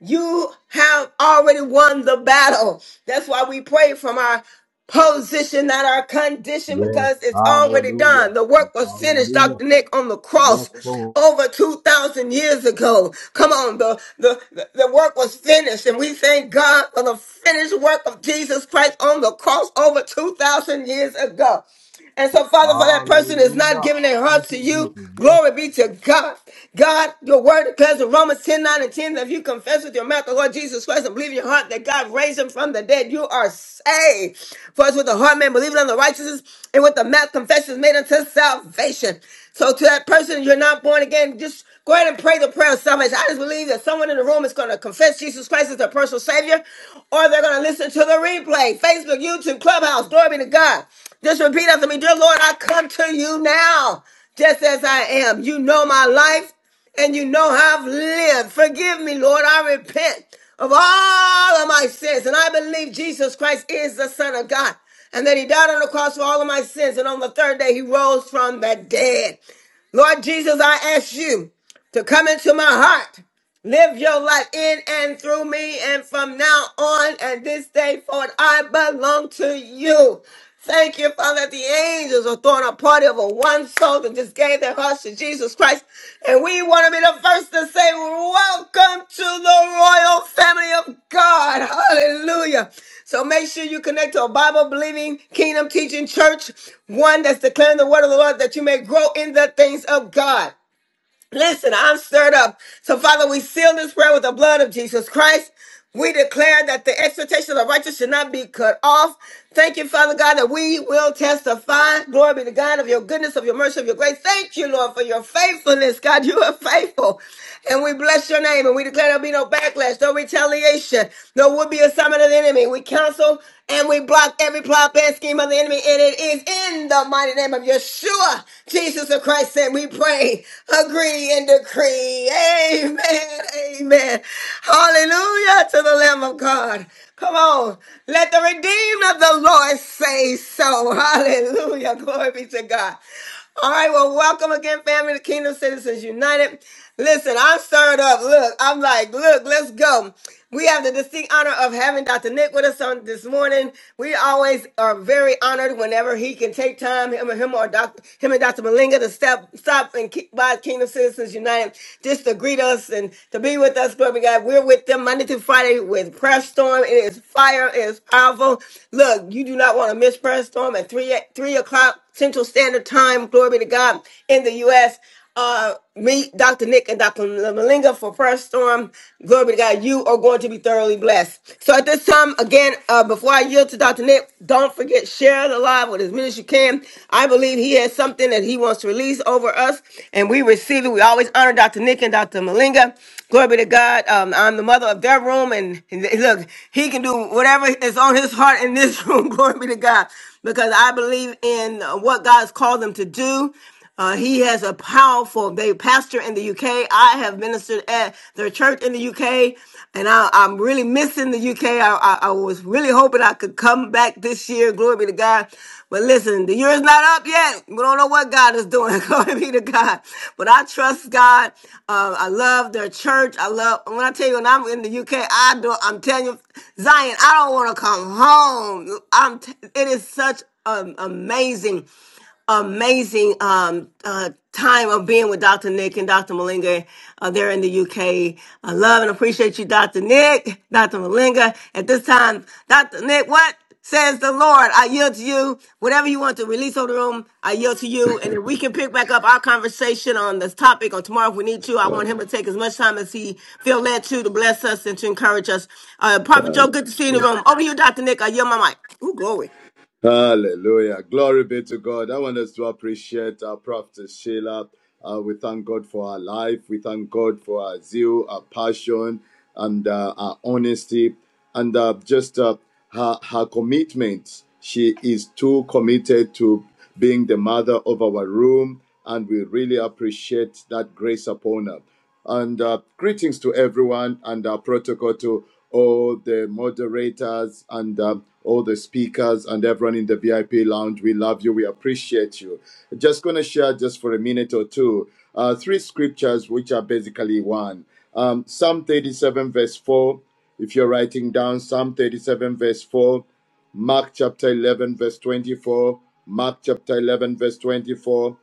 Speaker 1: You have already won the battle. That's why we pray from our position, not our condition,
Speaker 11: Yes.
Speaker 1: because it's already
Speaker 11: Hallelujah.
Speaker 1: done. The work was finished,
Speaker 11: Hallelujah.
Speaker 1: Dr. Nick, on the
Speaker 11: Yes,
Speaker 1: cross
Speaker 11: Lord.
Speaker 1: over 2,000 years ago. Come on, the, the, the the work was finished, and we thank God for the finished work of Jesus Christ on the cross over 2,000 years ago. And so, Father, for that person that's not
Speaker 11: Hallelujah.
Speaker 1: giving their
Speaker 11: Thank
Speaker 1: hearts to
Speaker 11: you,
Speaker 1: you,
Speaker 11: Jesus. Yes.
Speaker 1: glory be to God. God, your word declares in Romans 10 9 and 10 that if you confess with your mouth the Lord Jesus Christ and believe in your heart that God raised him from the dead, you are saved. For it's with the heart man believing on the righteousness and with the mouth confession is made unto salvation. So to that person, you're not born again, just Go ahead and pray the prayer of salvation. I just believe that someone in the room is going to confess Jesus Christ as their personal Savior, or they're going to listen to the replay. Facebook, YouTube, Clubhouse. Glory be to God. Just repeat after me, dear Lord, I come to you now, just as I am. You know my life, and you know how I've lived. Forgive me, Lord. I repent of all of my sins, and I believe Jesus Christ is the Son of God, and that He died on the cross for all of my sins, and on the third day He rose from the dead. Lord Jesus, I ask you to come into my heart. Live your life in and through me and from now on and this day forward, I belong to you. Thank you, Father, that the angels are throwing a party over one soul that just gave their hearts to Jesus Christ. And we want to be the first to say, welcome to the royal family of God. Hallelujah. So make sure you connect to a Bible believing, kingdom teaching church, one that's declaring the word of the Lord that you may grow in the things of God. Listen, I'm stirred up. So, Father, we seal this prayer with the blood of Jesus Christ. We declare that the exhortation of the righteous should not be cut off. Thank you, Father God, that we will testify. Glory be to God of your goodness, of your mercy, of your grace. Thank you, Lord, for your faithfulness. God, you are faithful. And we bless your name and we declare there'll be no backlash, no retaliation, no would be assignment of the enemy. We counsel and we block every plot and scheme of the enemy. And it is in the mighty name of Yeshua, Jesus of Christ, and we pray, agree, and decree. Amen. Amen. Hallelujah to the Lamb of God. Come on. Let the redeemed of the Lord say so. Hallelujah. Glory be to God. All right, well, welcome again, family, to Kingdom Citizens United. Listen, I'm stirred up. Look, I'm like, look, let's go. We have the distinct honor of having Dr. Nick with us on this morning. We always are very honored whenever he can take time, him or him or Dr. him and Dr. Malinga to step stop and keep by Kingdom Citizens United just to greet us and to be with us. Glory to God. We're with them Monday through Friday with Prayer Storm. It is fire, it is powerful. Look, you do not want to miss Prayer Storm at 3 3 o'clock Central Standard Time time, glory be to God, in the U.S. Uh, meet Dr. Nick and Dr. Malinga for Prayer Storm. Glory be to God. You are going to be thoroughly blessed. So at this time, again, uh, before I yield to Dr. Nick, don't forget, share the live with as many as you can. I believe he has something that he wants to release over us, and we receive it. We always honor Dr. Nick and Dr. Malinga. Glory be to God. Um, I'm the mother of their room, and, and look, he can do whatever is on his heart in this room. *laughs* Glory be to God because I believe in what God God's called them to do. Uh, he has a powerful, they pastor in the UK. I have ministered at their church in the UK, and I, I'm really missing the UK. I, I, I was really hoping I could come back this year. Glory be to God. But listen, the year is not up yet. We don't know what God is doing. *laughs* Glory be to God. But I trust God. Uh, I love their church. I love, when I tell you, when I'm in the UK, I do, I'm telling you, Zion, I don't want to come home. I'm, t- it is such um, amazing amazing um, uh, time of being with Dr. Nick and Dr. Malinga uh, there in the UK. I love and appreciate you, Dr. Nick, Dr. Malinga. At this time, Dr. Nick, what says the Lord? I yield to you. Whatever you want to release over the room, I yield to you. And if we can pick back up our conversation on this topic on tomorrow if we need to, I want him to take as much time as he feel led to to bless us and to encourage us. Uh, Prophet Joe, good to see you in the room. Over to you, Dr. Nick. I yield my mic. Ooh, glory.
Speaker 4: Hallelujah. Glory be to God. I want us to appreciate our prophet Sheila. Uh, we thank God for our life. We thank God for our zeal, our passion, and uh, our honesty, and uh, just uh, her, her commitment. She is too committed to being the mother of our room, and we really appreciate that grace upon her. And uh, greetings to everyone and our protocol to all the moderators and uh, all the speakers and everyone in the VIP lounge. We love you. We appreciate you. Just going to share just for a minute or two uh, three scriptures, which are basically one um, Psalm 37, verse 4. If you're writing down, Mark chapter 7, verse 24, Mark chapter verse 24,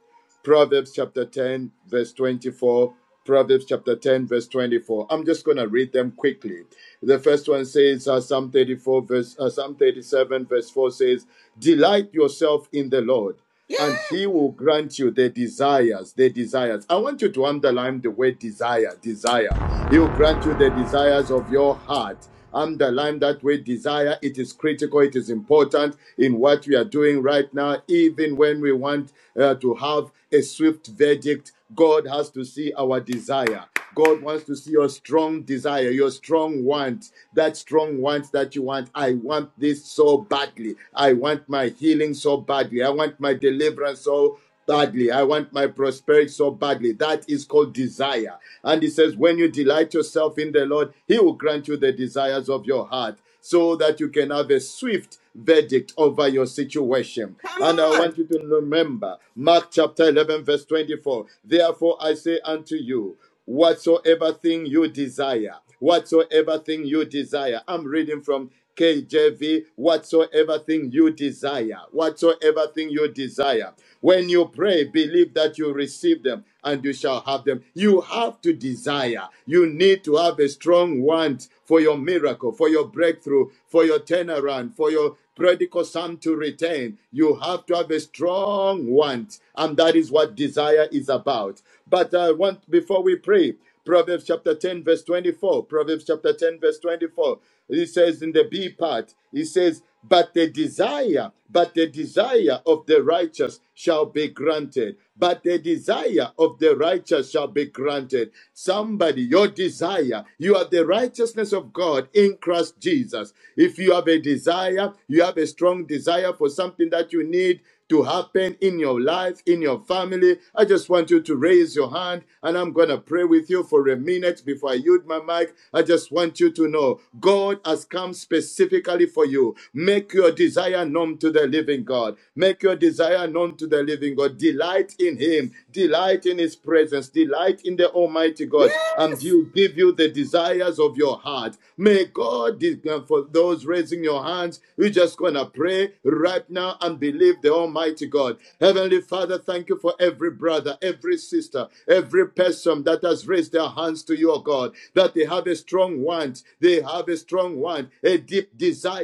Speaker 4: Proverbs chapter 10, verse 24, Proverbs chapter 10, verse 24. I'm just going to read them quickly. The first one says, uh, Psalm 34, verse, uh, Psalm 37, verse 4 says, Delight yourself in the Lord,
Speaker 1: Yeah,
Speaker 4: and he will grant you the desires, the desires. I want you to underline the word desire, desire prayer. He will grant you the desires of your heart. Underline that word desire. It is critical. It is important in what we are doing right now. Even when we want uh, to have a swift verdict, God has to see our desire. God wants to see your strong desire, your strong want, that strong want that you want. I want this so badly. I want my healing so badly. I want my deliverance so badly. I want my prosperity so badly. That is called desire. And he says, when you delight yourself in the Lord, he will grant you the desires of your heart so that you can have a swift verdict over your situation.
Speaker 1: come
Speaker 4: And I
Speaker 1: on.
Speaker 4: want you to remember Mark chapter 11, verse 24. Therefore, I say unto you, whatsoever thing you desire, whatsoever thing you desire. I'm reading from KJV, whatsoever thing you desire, whatsoever thing you desire. When you pray, believe that you receive them and you shall have them. You have to desire. You need to have a strong want for your miracle, for your breakthrough, for your turnaround, for your prodigal son to return, you have to have a strong want, and that is what desire is about. But I want before we pray, Proverbs chapter 10, verse 24. Proverbs chapter 10, verse 24. It says in the B part, it says, But the desire, but the desire of the righteous shall be granted. But the desire of the righteous shall be granted. Somebody, your desire, you are the righteous righteousness of God in Christ Jesus. If you have a desire, you have a strong desire for something that you need to happen in your life, in your family, I just want you to raise your hand and I'm going to pray with you for a minute before I yield my mic. I just want you to know God has come specifically for you. Make your desire known to the living God. Make your desire known to the living God. Delight in Him. Delight in His presence. Delight delight in the Almighty God and He
Speaker 1: Yes,
Speaker 4: will give you the desires of your heart. May God, for those raising your hands, we're just going to pray right now and believe the Almighty God. Heavenly Father, thank you for every brother, every sister, every person that has raised their hands to your God, that they have a strong want, they have a strong want, a deep desire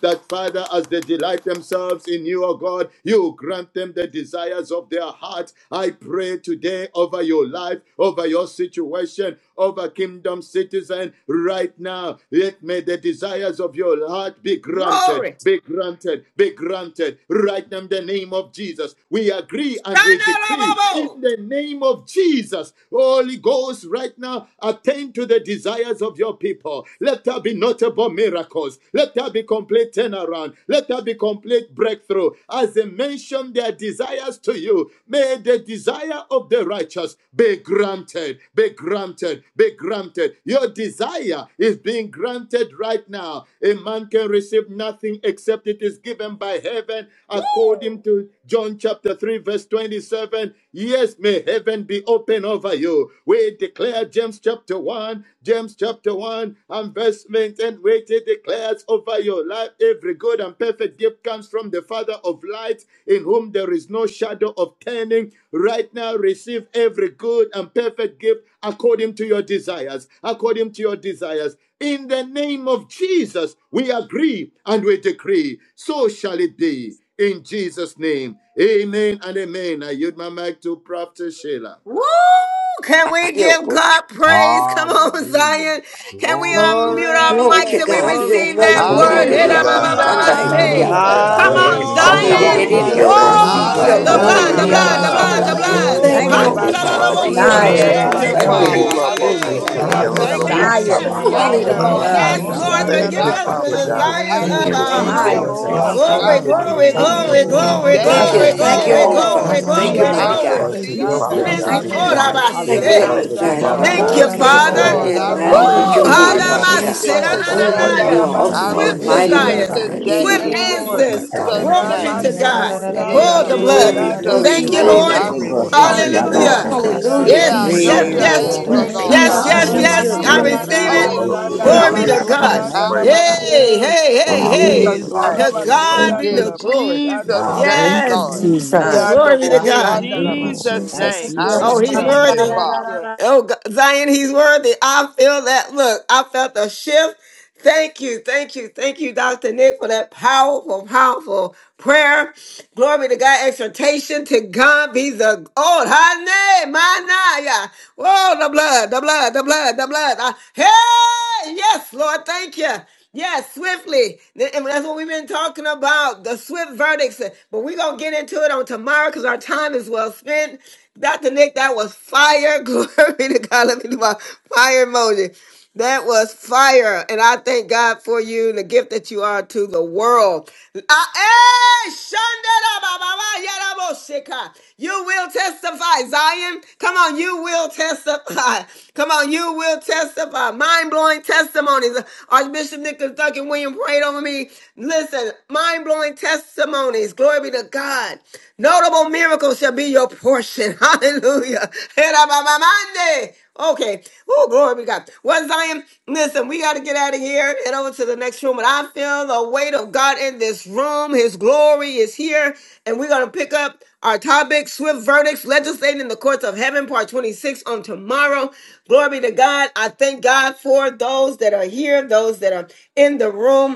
Speaker 4: that, Father, as they delight themselves in you, O God, you grant them them the desires of their heart. I pray today over your life, over your situation, over kingdom citizen right now. Let may the desires of your heart be
Speaker 1: glory.
Speaker 4: granted, be granted, be granted. Right now, in the name of Jesus, we agree and we decree in
Speaker 1: Randalabo!
Speaker 4: the name of Jesus. Holy Ghost, right now, attend to the desires of your people. Let there be notable miracles. Let there be complete complete turnaround. Let there be complete breakthrough. As they mention their desires to you, may the desire of the righteous be granted, be granted, be granted. Your desire is being granted right now. A man can receive nothing except it is given by heaven, according to John chapter 3, verse 27. Yes, may heaven be open over you. We declare James chapter 1, James chapter 1 investment and weighty declares over your life every good and perfect gift comes from the father of light in whom there is no shadow of turning right now receive every good and perfect gift according to your desires according to your desires in the name of jesus we agree and we decree so shall it be in jesus name amen and amen i yield my mic to prophet sheila
Speaker 1: Woo! Can we give
Speaker 12: Yoko.
Speaker 1: God praise? Come on, *laughs*
Speaker 11: Hallelujah.
Speaker 1: Zion. Can we
Speaker 11: Glory be
Speaker 1: unmute
Speaker 11: to
Speaker 1: our
Speaker 11: your
Speaker 12: Glory
Speaker 1: mics
Speaker 12: to
Speaker 1: and we
Speaker 11: name.
Speaker 12: God.
Speaker 7: Glory,
Speaker 1: receive
Speaker 11: Bless
Speaker 1: that
Speaker 12: Yomoko
Speaker 11: your
Speaker 1: word?
Speaker 2: Glory to
Speaker 7: hallelujah.
Speaker 11: name,
Speaker 2: God.
Speaker 11: Jesus.
Speaker 3: Hallelujah.
Speaker 12: segediabasanda da
Speaker 7: Thank you,
Speaker 1: Hidamamamamase.
Speaker 7: Lord.
Speaker 13: Hallelujah.
Speaker 2: Hallelujah.
Speaker 1: Come
Speaker 12: baidialabasata.
Speaker 14: Father, we thank you,
Speaker 1: on,
Speaker 13: Thank
Speaker 3: Thank
Speaker 13: you,
Speaker 11: Hallelujah.
Speaker 6: Hallelujah.
Speaker 1: Zion.
Speaker 3: you,
Speaker 2: Hallelujah.
Speaker 13: Jesus.
Speaker 3: Lord.
Speaker 2: Thank you,
Speaker 13: Glory,
Speaker 7: Jesus,
Speaker 11: My
Speaker 6: Hallelujah.
Speaker 1: Whoa! The
Speaker 3: Thank
Speaker 11: God.
Speaker 2: Jesus.
Speaker 5: Hallelujah.
Speaker 1: blood,
Speaker 7: glory
Speaker 12: Yedededediomosikiolamastanda
Speaker 6: Nana
Speaker 1: the
Speaker 3: you.
Speaker 7: be
Speaker 5: Thank you,
Speaker 7: to
Speaker 1: blood,
Speaker 13: glory,
Speaker 1: the
Speaker 7: God.
Speaker 1: blood,
Speaker 5: Father.
Speaker 1: the
Speaker 12: diabasata.
Speaker 13: glory,
Speaker 11: Bless
Speaker 6: Mastada.
Speaker 11: your
Speaker 1: blood.
Speaker 13: glory,
Speaker 11: name,
Speaker 2: Hallelujah.
Speaker 5: Hallelujah.
Speaker 3: Thank
Speaker 12: Thank you,
Speaker 7: Thank you
Speaker 2: Thank
Speaker 13: glory,
Speaker 12: Holy
Speaker 6: Rabba
Speaker 7: for
Speaker 11: Jesus.
Speaker 2: you,
Speaker 7: the
Speaker 5: And
Speaker 12: Father.
Speaker 2: Father
Speaker 5: thank you,
Speaker 1: Handalalabose.
Speaker 2: God.
Speaker 6: Sotorianda
Speaker 7: desire
Speaker 5: Jesus.
Speaker 7: to
Speaker 13: glory
Speaker 6: Rabba
Speaker 13: to
Speaker 7: know
Speaker 13: God.
Speaker 6: Shande
Speaker 3: you.
Speaker 7: you
Speaker 5: Hallelujah.
Speaker 6: de Rabo
Speaker 7: fully,
Speaker 2: Worabasa.
Speaker 1: Yay!
Speaker 7: God.
Speaker 12: Yokorobosandebidiamandande.
Speaker 7: The
Speaker 6: Sorianda Rabba.
Speaker 2: Yadabasa.
Speaker 13: Hallelujah.
Speaker 7: desire
Speaker 1: Yes,
Speaker 12: Oh,
Speaker 3: Thank you,
Speaker 6: Yanda
Speaker 12: Hallelujah.
Speaker 5: Yadadadabushyananana.
Speaker 7: to
Speaker 2: Shandababasa.
Speaker 13: Eh,
Speaker 5: Thank
Speaker 6: Rabba
Speaker 3: Lord.
Speaker 5: you,
Speaker 7: love
Speaker 1: yes,
Speaker 13: shanda
Speaker 14: Lord.
Speaker 13: da da
Speaker 7: God.
Speaker 13: da
Speaker 1: Lord,
Speaker 5: Jesus.
Speaker 1: for
Speaker 10: Hallelujah.
Speaker 3: Thank
Speaker 6: Sorianda
Speaker 2: Thank you,
Speaker 14: Thank
Speaker 1: giving us
Speaker 14: you
Speaker 6: Rabba
Speaker 1: the
Speaker 13: yusa.
Speaker 2: Father
Speaker 14: that we
Speaker 7: Yekabasha.
Speaker 6: Shata.
Speaker 2: God.
Speaker 1: desires
Speaker 13: Thank
Speaker 1: of
Speaker 14: receive
Speaker 7: The
Speaker 13: you,
Speaker 5: Hallelujah.
Speaker 14: the
Speaker 2: Thank
Speaker 1: our
Speaker 2: you,
Speaker 6: Thank
Speaker 1: heart.
Speaker 6: you,
Speaker 15: it.
Speaker 2: Jesus.
Speaker 7: desire,
Speaker 14: desires
Speaker 13: Jesus.
Speaker 14: of
Speaker 10: Hallelujah.
Speaker 14: our
Speaker 6: Lord.
Speaker 13: Yes,
Speaker 5: Thank
Speaker 7: God,
Speaker 5: you,
Speaker 7: to
Speaker 14: heart.
Speaker 15: I
Speaker 1: Glory,
Speaker 6: Rabba
Speaker 13: Lord.
Speaker 5: Lord.
Speaker 14: Father, we
Speaker 1: glory,
Speaker 6: Sende
Speaker 7: live
Speaker 6: de
Speaker 14: thank
Speaker 7: and
Speaker 14: you,
Speaker 15: did
Speaker 1: glory,
Speaker 14: Lord,
Speaker 6: Rabo
Speaker 14: that
Speaker 10: Hallelujah. Hallelujah.
Speaker 5: Hallelujah.
Speaker 1: glory,
Speaker 14: you
Speaker 13: Glory
Speaker 15: today,
Speaker 5: Thank
Speaker 13: to
Speaker 5: you,
Speaker 7: have
Speaker 12: Thank
Speaker 14: think
Speaker 6: Sorianda
Speaker 12: you.
Speaker 7: our
Speaker 1: glory,
Speaker 14: it's
Speaker 13: God.
Speaker 6: Rabba
Speaker 5: Father.
Speaker 12: Thank
Speaker 15: yes,
Speaker 7: being
Speaker 12: you,
Speaker 1: glory,
Speaker 12: Holy
Speaker 14: ask,
Speaker 7: all
Speaker 13: Ah,
Speaker 14: Lord.
Speaker 15: Lord.
Speaker 1: glory,
Speaker 10: Hallelujah.
Speaker 5: Thank
Speaker 12: Father.
Speaker 7: in
Speaker 5: you,
Speaker 13: bah, bah,
Speaker 12: Thank
Speaker 7: you,
Speaker 12: you,
Speaker 13: bah,
Speaker 1: glory,
Speaker 13: bah,
Speaker 15: I
Speaker 10: Hallelujah.
Speaker 7: God.
Speaker 12: mighty
Speaker 5: Jesus.
Speaker 13: shi.
Speaker 1: glory.
Speaker 12: God.
Speaker 14: According
Speaker 3: you,
Speaker 2: Thank
Speaker 14: to your
Speaker 2: you,
Speaker 7: We
Speaker 15: receive
Speaker 7: say
Speaker 3: Lord.
Speaker 15: it.
Speaker 2: Father
Speaker 14: will,
Speaker 13: Thank
Speaker 5: Thank
Speaker 6: Iandarabashandarabas.
Speaker 13: you,
Speaker 15: I
Speaker 2: God.
Speaker 1: Bless
Speaker 5: you,
Speaker 14: the
Speaker 7: thank you.
Speaker 1: all of
Speaker 5: Lord.
Speaker 14: desire,
Speaker 10: Hallelujah.
Speaker 1: us.
Speaker 13: Jesus.
Speaker 15: receive
Speaker 12: Thank you
Speaker 14: things
Speaker 12: for
Speaker 14: are
Speaker 1: Say,
Speaker 15: it.
Speaker 12: the
Speaker 2: Thank you,
Speaker 14: already
Speaker 12: desires of
Speaker 10: Thank
Speaker 2: Father
Speaker 14: done.
Speaker 12: our
Speaker 10: you,
Speaker 5: And
Speaker 7: Aligabakoshiaba.
Speaker 12: heart,
Speaker 1: Thank
Speaker 13: Glory
Speaker 15: Oh,
Speaker 1: you,
Speaker 12: Lord
Speaker 2: God.
Speaker 13: to you,
Speaker 15: yes,
Speaker 12: God.
Speaker 6: Ramasandarabasete
Speaker 10: Jesus.
Speaker 1: Father.
Speaker 13: God.
Speaker 15: Lord.
Speaker 12: Did
Speaker 2: Oh,
Speaker 14: Things
Speaker 15: I
Speaker 14: are
Speaker 6: yandarabo
Speaker 12: line up
Speaker 14: coming,
Speaker 7: Thank
Speaker 15: receive
Speaker 7: you,
Speaker 14: like,
Speaker 12: with
Speaker 10: Bless
Speaker 13: Thank
Speaker 14: they
Speaker 10: your
Speaker 12: your
Speaker 13: you,
Speaker 15: it.
Speaker 7: Father.
Speaker 15: I
Speaker 14: feel
Speaker 2: hallelujah.
Speaker 12: word,
Speaker 10: name.
Speaker 14: the
Speaker 6: soriandara.
Speaker 5: it
Speaker 12: Father
Speaker 1: Oh,
Speaker 15: receive
Speaker 5: is
Speaker 14: touch
Speaker 12: God.
Speaker 13: Jesus.
Speaker 15: it
Speaker 14: of our-
Speaker 5: so.
Speaker 2: I
Speaker 14: that
Speaker 15: today.
Speaker 14: touch
Speaker 10: Bless your
Speaker 5: Hallelujah.
Speaker 12: You're
Speaker 1: hallelujah.
Speaker 2: praise
Speaker 14: of
Speaker 13: Eh,
Speaker 14: our-
Speaker 2: you,
Speaker 13: bah,
Speaker 14: that
Speaker 12: awesome.
Speaker 15: I
Speaker 13: bah,
Speaker 14: we
Speaker 10: name.
Speaker 12: You're
Speaker 13: bah,
Speaker 6: Yandarabasete
Speaker 2: Father.
Speaker 15: receive
Speaker 12: mighty,
Speaker 15: it
Speaker 13: shanda
Speaker 6: yandar.
Speaker 12: Lord
Speaker 13: da
Speaker 1: Yes,
Speaker 13: da
Speaker 7: Elebakoshiaba.
Speaker 5: Hallelujah.
Speaker 12: God.
Speaker 15: today
Speaker 10: Thank you,
Speaker 13: yusa.
Speaker 6: Yes,
Speaker 15: in
Speaker 10: Father.
Speaker 7: Mm,
Speaker 6: Lord.
Speaker 1: yes.
Speaker 7: mm,
Speaker 15: Jesus'
Speaker 13: Thank you,
Speaker 1: Glory
Speaker 7: mm.
Speaker 15: name.
Speaker 14: see.
Speaker 1: be to
Speaker 10: Thank
Speaker 12: Yedididiobokasatadabasanda.
Speaker 1: God.
Speaker 10: you,
Speaker 13: Jesus.
Speaker 10: God.
Speaker 13: Eh, bah,
Speaker 15: In
Speaker 13: bah,
Speaker 1: Oh,
Speaker 14: Okay,
Speaker 1: the
Speaker 13: bah,
Speaker 14: okay.
Speaker 2: Thank
Speaker 1: blood.
Speaker 12: Glory,
Speaker 13: shi.
Speaker 2: you,
Speaker 14: Yes,
Speaker 15: Jesus'
Speaker 12: glory,
Speaker 10: Thank
Speaker 2: Jesus.
Speaker 10: you,
Speaker 6: Ramasotoriandarabashandarabas.
Speaker 1: Thank
Speaker 14: It's
Speaker 1: you,
Speaker 15: name,
Speaker 14: just a
Speaker 13: Thank
Speaker 10: God.
Speaker 12: glory.
Speaker 1: Lord.
Speaker 15: I
Speaker 13: you,
Speaker 14: lot of
Speaker 13: Lord.
Speaker 15: receive
Speaker 13: Thank
Speaker 14: stuff in
Speaker 13: you,
Speaker 15: it,
Speaker 6: Iandabo
Speaker 14: the
Speaker 7: Yekekelebakoshiaba.
Speaker 10: Thank
Speaker 2: Hallelujah.
Speaker 15: Lord.
Speaker 12: Ooh,
Speaker 13: Lord.
Speaker 1: Hallelujah.
Speaker 10: you,
Speaker 14: very
Speaker 10: God. Your
Speaker 14: street.
Speaker 12: Hallelujah.
Speaker 15: Yeah, I
Speaker 1: Yes,
Speaker 6: soriandarabas.
Speaker 13: Thank
Speaker 10: peace,
Speaker 2: Praise
Speaker 13: you,
Speaker 15: know
Speaker 1: yes,
Speaker 2: the
Speaker 15: you're
Speaker 14: We can
Speaker 1: yes.
Speaker 2: holy
Speaker 13: Lord.
Speaker 14: let
Speaker 15: able,
Speaker 10: sweet
Speaker 2: name.
Speaker 6: Thank
Speaker 3: Thank
Speaker 6: you,
Speaker 14: them
Speaker 15: Lord.
Speaker 3: you.
Speaker 1: Yes,
Speaker 10: peace
Speaker 7: Relebrokoshaba.
Speaker 14: take
Speaker 15: I
Speaker 10: in
Speaker 14: the
Speaker 1: yes,
Speaker 3: Hiya,
Speaker 6: Father.
Speaker 12: Oh,
Speaker 14: bird.
Speaker 3: ba,
Speaker 1: yes.
Speaker 3: ba,
Speaker 10: Jesus'
Speaker 1: I
Speaker 15: receive
Speaker 3: ba,
Speaker 12: yeah.
Speaker 3: ba,
Speaker 13: Hallelujah.
Speaker 10: name.
Speaker 15: it.
Speaker 3: da,
Speaker 2: Yes,
Speaker 1: receive
Speaker 3: da, da,
Speaker 1: it.
Speaker 2: Lord,
Speaker 3: da,
Speaker 14: They
Speaker 3: ba.
Speaker 14: see
Speaker 7: Nili
Speaker 2: we
Speaker 6: Ramasanda
Speaker 15: Hallelujah.
Speaker 13: Thank
Speaker 1: Glory
Speaker 10: Thank
Speaker 1: be
Speaker 10: you,
Speaker 7: Baraka.
Speaker 2: worthy
Speaker 1: to
Speaker 13: you. I
Speaker 14: it?
Speaker 2: to
Speaker 1: God.
Speaker 2: be
Speaker 10: Father.
Speaker 6: Rabasorianda
Speaker 7: Thank
Speaker 13: receive
Speaker 7: you,
Speaker 13: it,
Speaker 3: Thank
Speaker 2: praised.
Speaker 7: Father.
Speaker 13: Lord.
Speaker 1: Hey,
Speaker 3: you.
Speaker 6: Rabashete.
Speaker 1: hey,
Speaker 10: Thank
Speaker 1: hey,
Speaker 13: In the
Speaker 10: you.
Speaker 1: hey.
Speaker 13: name
Speaker 6: Hey,
Speaker 7: Elil
Speaker 13: of
Speaker 7: Baruch
Speaker 14: Hallelujah.
Speaker 2: Hallelujah.
Speaker 1: To
Speaker 7: Hu
Speaker 1: God
Speaker 13: Jesus.
Speaker 10: Thank
Speaker 7: Shabbat.
Speaker 1: be
Speaker 6: Garabasorianda
Speaker 1: the
Speaker 10: you.
Speaker 1: glory.
Speaker 14: Hallelujah.
Speaker 13: We
Speaker 6: Rabashanda
Speaker 13: thank you.
Speaker 14: Hallelujah.
Speaker 10: Thank
Speaker 6: Rabasi.
Speaker 10: you,
Speaker 1: Yes.
Speaker 13: Thank
Speaker 7: Mm,
Speaker 3: Thank
Speaker 13: you.
Speaker 7: My
Speaker 3: you.
Speaker 10: Jesus.
Speaker 6: Yanda
Speaker 1: Glory be to
Speaker 7: God,
Speaker 1: God.
Speaker 7: my
Speaker 13: Thank
Speaker 6: Boshanda
Speaker 7: God.
Speaker 13: you,
Speaker 10: Thank you,
Speaker 13: Lord.
Speaker 6: Ramase.
Speaker 7: Thank
Speaker 10: Jesus.
Speaker 3: Thank
Speaker 7: you,
Speaker 3: you. Ba,
Speaker 1: Oh,
Speaker 6: Thank
Speaker 10: Jesus,
Speaker 7: Jesus.
Speaker 1: he's
Speaker 13: Thank
Speaker 3: ba,
Speaker 6: you.
Speaker 3: ba,
Speaker 13: you,
Speaker 3: ba,
Speaker 10: Jesus.
Speaker 1: worthy.
Speaker 13: Lord.
Speaker 3: da,
Speaker 6: Thank
Speaker 3: da, da,
Speaker 6: you.
Speaker 3: da.
Speaker 1: Oh, G- Zion, he's worthy. I feel that. Look, I felt a shift. Thank you, thank you, thank you, Dr. Nick, for that powerful, powerful prayer. Glory to God, exhortation to God be the old high name, my naya. Whoa, the blood, the blood, the blood, the blood. Ah, hey, yes, Lord, thank you. Yes, swiftly. And that's what we've been talking about the swift verdicts. But we're going to get into it on tomorrow because our time is well spent. Dr. Nick, that was fire. *laughs* Glory to God. Let me do my fire emoji. That was fire. And I thank God for you and the gift that you are to the world. Ah, eh, shandada ba You will testify, Zion. Come on, you will testify. Come on, you will testify. Mind blowing testimonies. Archbishop Nicholas Duncan William prayed over me. Listen, mind blowing testimonies. Glory be to God. Notable miracles shall be your portion. *laughs* Hallelujah. Era Okay. Oh, glory be to God. Well, Zion, listen, we got to get out of here and head over to the next room. And I feel the weight of God in this room. His glory is here. And we're going to pick up our topic, swift verdicts, legislating in the courts of heaven, part 26 on tomorrow. Glory be to God. I thank God for those that are here, those that are in the room.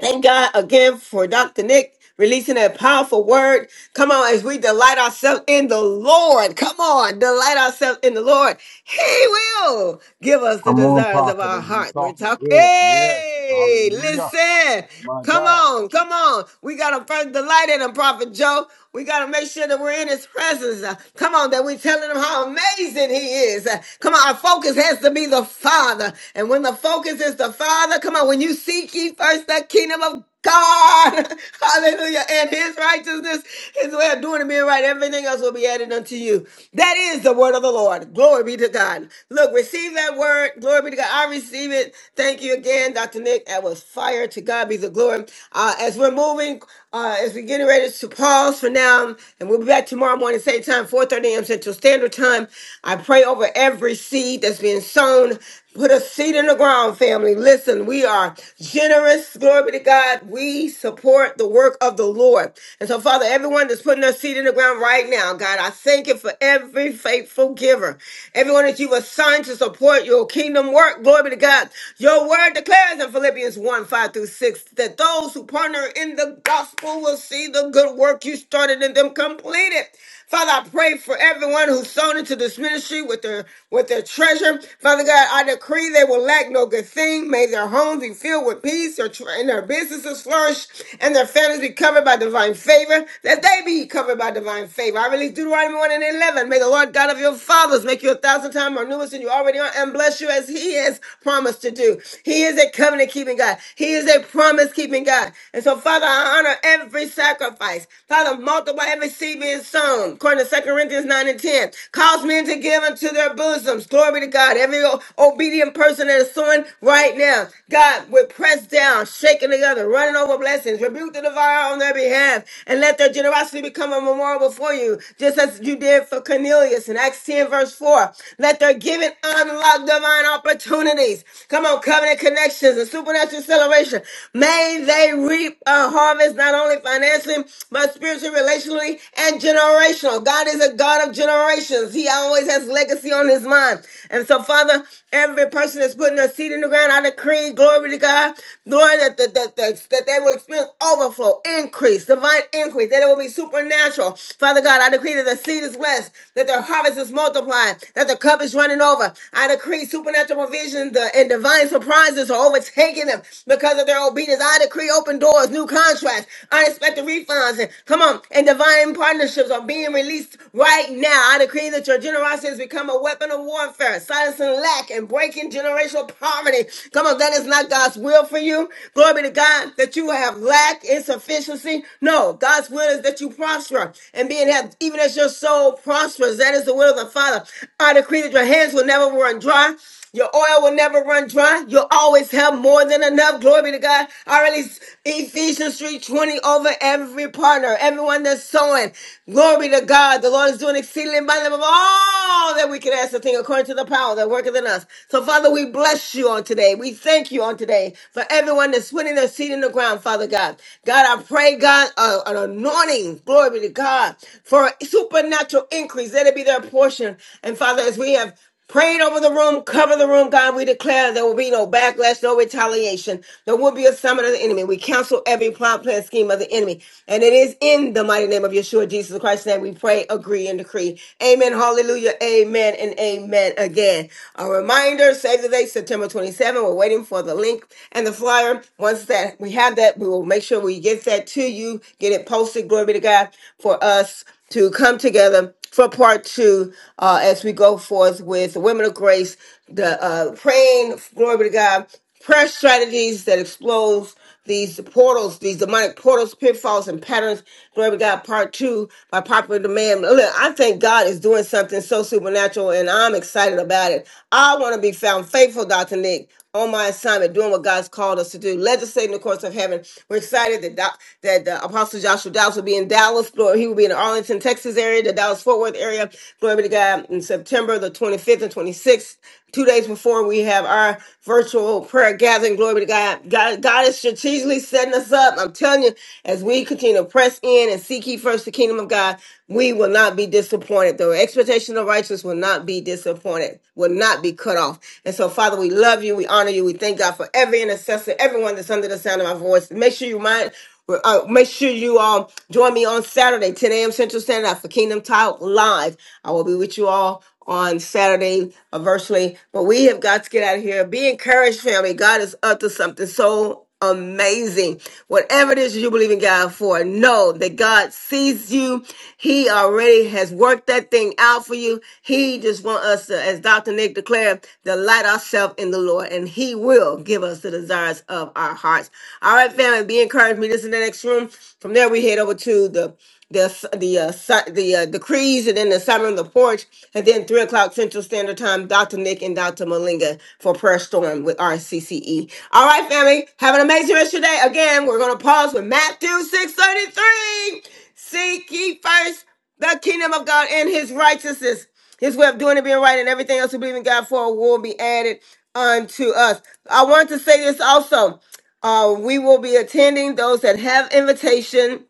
Speaker 1: Thank God again for Dr. Nick releasing a powerful word. Come on, as we delight ourselves in the Lord. Come on, delight ourselves in the Lord. He will give us the
Speaker 11: Come on,
Speaker 1: desires of
Speaker 11: prophet.
Speaker 1: our
Speaker 11: He's
Speaker 1: heart. We're
Speaker 11: talking
Speaker 1: talking.
Speaker 11: good. Yes.
Speaker 1: Hey,
Speaker 11: Hallelujah.
Speaker 1: listen.
Speaker 11: My
Speaker 1: Come
Speaker 11: God.
Speaker 1: on, come on. We got to first delight in him, Prophet Joe. We got to make sure that we're in his presence. Uh, come on, that we're telling him how amazing he is. Uh, come on, our focus has to be the Father. And when the focus is the Father, come on, when you seek ye first the kingdom of God, *laughs* hallelujah, and his righteousness, his way of doing it being right, everything else will be added unto you. That is the word of the Lord. Glory be to God. Look, receive that word. Glory be to God. I receive it. Thank you again, Dr. Nick. That was was fire. To God be the glory. Uh, as we're moving, uh, as we're getting ready to pause for now, and we'll be back tomorrow morning, same time, 4.30 a.m. Central Standard Time. I pray over every seed that's being sown. Put a seed in the ground, family. Listen, we are generous. Glory be to God. We support the work of the Lord. And so, Father, everyone that's putting their seed in the ground right now, God, I thank you for every faithful giver. Everyone that you've assigned to support your kingdom work. Glory be to God. Your the word declares in Philippians 1 5 through 6 that those who partner in the gospel will see the good work you started in them completed. Father, I pray for everyone who sown into this ministry with their with their treasure. Father God, I decree they will lack no good thing. May their homes be filled with peace, their tr- and their businesses flourish, and their families be covered by divine favor. That they be covered by divine favor. I release Deuteronomy 1 and 11. May the Lord God of your fathers make you a thousand times more numerous than you already are, and bless you as He is has promised to do. He is a covenant keeping God. He is a promise keeping God. And so, Father, I honor every sacrifice. Father, multiply every seed being sown, according to Second Corinthians 9 and 10. Cause men to give unto their bosoms. Glory to God. Every obedient person that is sowing right now, God, we're pressed down, shaken together, running over blessings. Rebuke the devourer on their behalf, and let their generosity become a memorial before you, just as you did for Cornelius in Acts 10, verse 4. Let their giving honor to unlock divine opportunities. Come on, covenant connections and supernatural celebration. May they reap a harvest not only financially, but spiritually, relationally, and generational. God is a God of generations. He always has legacy on his mind. And so, Father, every person that's putting their seed in the ground, I decree, glory to God, Lord, that, that, that, that, that they will experience overflow, increase, divine increase, that it will be supernatural. Father God, I decree that the seed is blessed, that their harvest is multiplied, that the cup is running over. I decree supernatural provision and divine surprises are overtaking them because of their obedience. I decree open doors, new contracts, unexpected refunds, and come on, and divine partnerships are being released right now. I decree that your generosity has become a weapon of warfare, silencing lack and breaking generational poverty. Come on, that is not God's will for you. Glory be to God that you have lack, insufficiency. No, God's will is that you prosper and being have even as your soul prospers that is the will of the Father. I decree that your hands will never run dry. Your oil will never run dry. You'll always have more than enough. Glory be to God. I release Ephesians 3.20 over every partner, everyone that's sowing. Glory be to God. The Lord is doing exceedingly abundantly above all that we can ask the think, according to the power that worketh in us. So, Father, we bless you on today. We thank you on today for everyone that's putting their seed in the ground, Father God. God, I pray, God, uh, an anointing. Glory be to God for supernatural supernatural increase. Let it be their portion. And Father, as we have prayed over the room, cover the room, God, we declare there will be no backlash, no retaliation. There will be a summit of the enemy. We counsel every plot, plan, scheme of the enemy. And it is in the mighty name of Yeshua, Jesus Christ's name, we pray, agree, and decree. Amen. Hallelujah. Amen and amen again. A reminder, save the date, September 27. We're waiting for the link and the flyer. Once that we have that, we will make sure we get that to you, get it posted. Glory be to God for us to come together for part two uh, as we go forth with the Women of Grace, the uh, praying, glory be to God, prayer strategies that expose these portals, these demonic portals, pitfalls, and patterns. Glory to God, part two by popular demand. Look, I think God is doing something so supernatural, and I'm excited about it. I want to be found faithful, Dr. Nick on my assignment, doing what God's called us to do, legislating the courts of heaven. We're excited that Doc- that the Apostle Joshua Dallas will be in Dallas, glory. He will be in the Arlington, Texas area, the Dallas Fort Worth area. Glory be to God in September the 25th and 26th. Two days before we have our virtual prayer gathering. Glory be to God. God God God is strategically setting us up. I'm telling you, as we continue to press in and seek ye first the kingdom of God, we will not be disappointed. The expectation of righteousness will not be disappointed, will not be cut off. And so, Father, we love you. We honor you. We thank God for every intercessor, everyone that's under the sound of my voice. Make sure you mind well, Uh, make sure you um join me on Saturday, 10 a.m. Central Standard Time for Kingdom Talk Live. I will be with you all on Saturday uh, virtually. But we have got to get out of here. Be encouraged, family. God is up to something so amazing. Whatever it is you believe in God for, know that God sees you. He already has worked that thing out for you. He just wants us to, as Dr. Nick declared declare, delight ourselves in the Lord, and He will give us the desires of our hearts. All right, family, be encouraged. Meet us in the next room. From there, we head over to the the the uh, si- the uh, decrees, and then the sermon on the porch, and then three o'clock Central Standard Time. Dr. Nick and Dr. Malinga for prayer storm with RCCE. All right, family, have an amazing rest of your day. Again, we're gonna pause with Matthew six thirty three. Seek ye first the kingdom of God and His righteousness his way of doing it being right and everything else we believe in God for will be added unto us. I want to say this also. Uh, we will be attending those that have invitation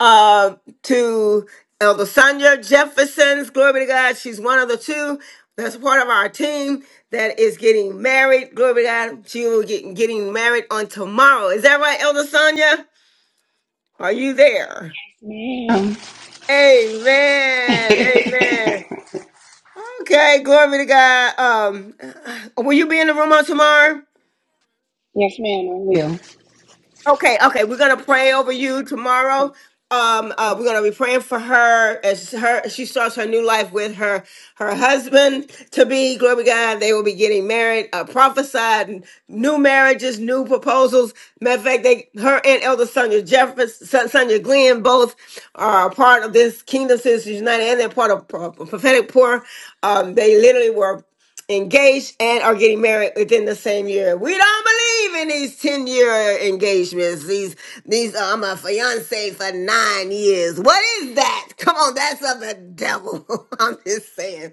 Speaker 1: uh, to Elder Sonia Jefferson's. Glory be to God. She's one of the two that's part of our team that is getting married. Glory be to God. She will get getting married on tomorrow. Is that right, Elder Sonia? Are you there?
Speaker 16: Ma'am. *laughs*
Speaker 1: Amen. Amen.
Speaker 16: yes,
Speaker 1: Okay, glory be to God. Um, will you be in the room on tomorrow?
Speaker 16: ma'am, I will.
Speaker 1: Okay, okay, we're gonna pray over you
Speaker 16: Okay.
Speaker 1: tomorrow. Um, uh, we're gonna be praying for her as her she starts her new life with her her husband to be. Glory be to God, they will be getting married. Uh, prophesied new marriages, new proposals. Matter of fact, they her and Elder Sonia Jefferson, Son- Sonia Glenn, both are a part of this Kingdom Citizens United, and they're part of Pro- prophetic poor. Um, they literally were engaged and are getting married within the same year. We don't believe in these 10 year engagements. These, these, uh, I'm a fiance for nine years. What is that? Come on, that's of the devil. *laughs* I'm just saying.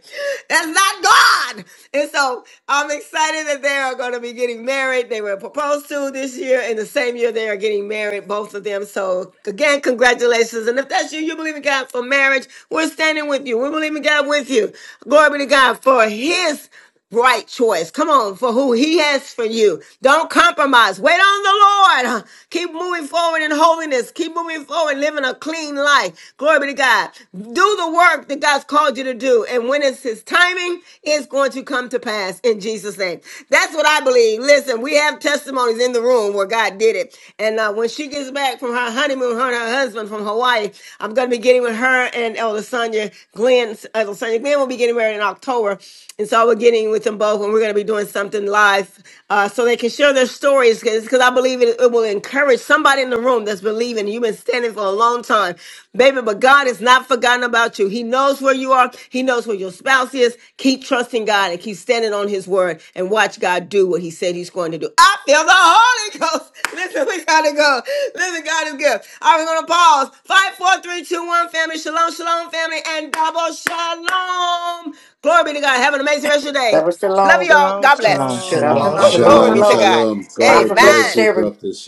Speaker 1: That's not God. And so I'm excited that they are going to be getting married. They were proposed to this year and the same year they are getting married, both of them. So so again, congratulations. And if that's you, you believe in God for marriage, we're standing with you. We believe in God with you. Glory be to God for his right choice. Come on, for who he has for you. Don't compromise. Wait on the Lord. *laughs* Keep moving forward in holiness. Keep moving forward, living a clean life. Glory be to God. Do the work that God's called you to do. And when it's his timing, it's going to come come to pass in Jesus' name. That's what I believe. Listen, we have testimonies in the room where God did it. And uh, when she gets back from her honeymoon, her and her husband from Hawaii, I'm going to be getting with her and Elder Sonia Glenn. Elder Sonia Glenn will be getting married in October. And so we're getting with them both and we're going to be doing something live uh, so they can share their stories because I believe it, it will encourage somebody in the room that's believing. You've been standing for a long time. Baby, but God has not forgotten about you. He knows where you are. He knows where your spouse is. Keep trusting God and keep standing on his word and watch God do what he said he's going to do. I feel the Holy Ghost. *laughs* Listen, we gotta go. Listen, God is good. All right, we're gonna pause. Five, four, three, two, one, family. Shalom, shalom, family, and double shalom. Glory be to God. Have an amazing rest of your day.
Speaker 12: That was the
Speaker 1: Love you
Speaker 12: long.
Speaker 1: all.
Speaker 6: Shalom,
Speaker 1: God bless.
Speaker 13: Shalom,
Speaker 12: That was
Speaker 6: shalom.
Speaker 13: shalom.
Speaker 14: Shalom,
Speaker 1: Woo,
Speaker 13: God
Speaker 12: the long,
Speaker 1: glory
Speaker 14: shalom.
Speaker 12: the
Speaker 3: da.
Speaker 1: be
Speaker 4: shalom
Speaker 1: to
Speaker 12: long.
Speaker 13: bless.
Speaker 1: God.
Speaker 4: shalom
Speaker 12: Time
Speaker 4: god
Speaker 12: for
Speaker 4: bless
Speaker 12: blessings,
Speaker 1: Amen.
Speaker 4: you
Speaker 12: everyone.
Speaker 4: prophet sheila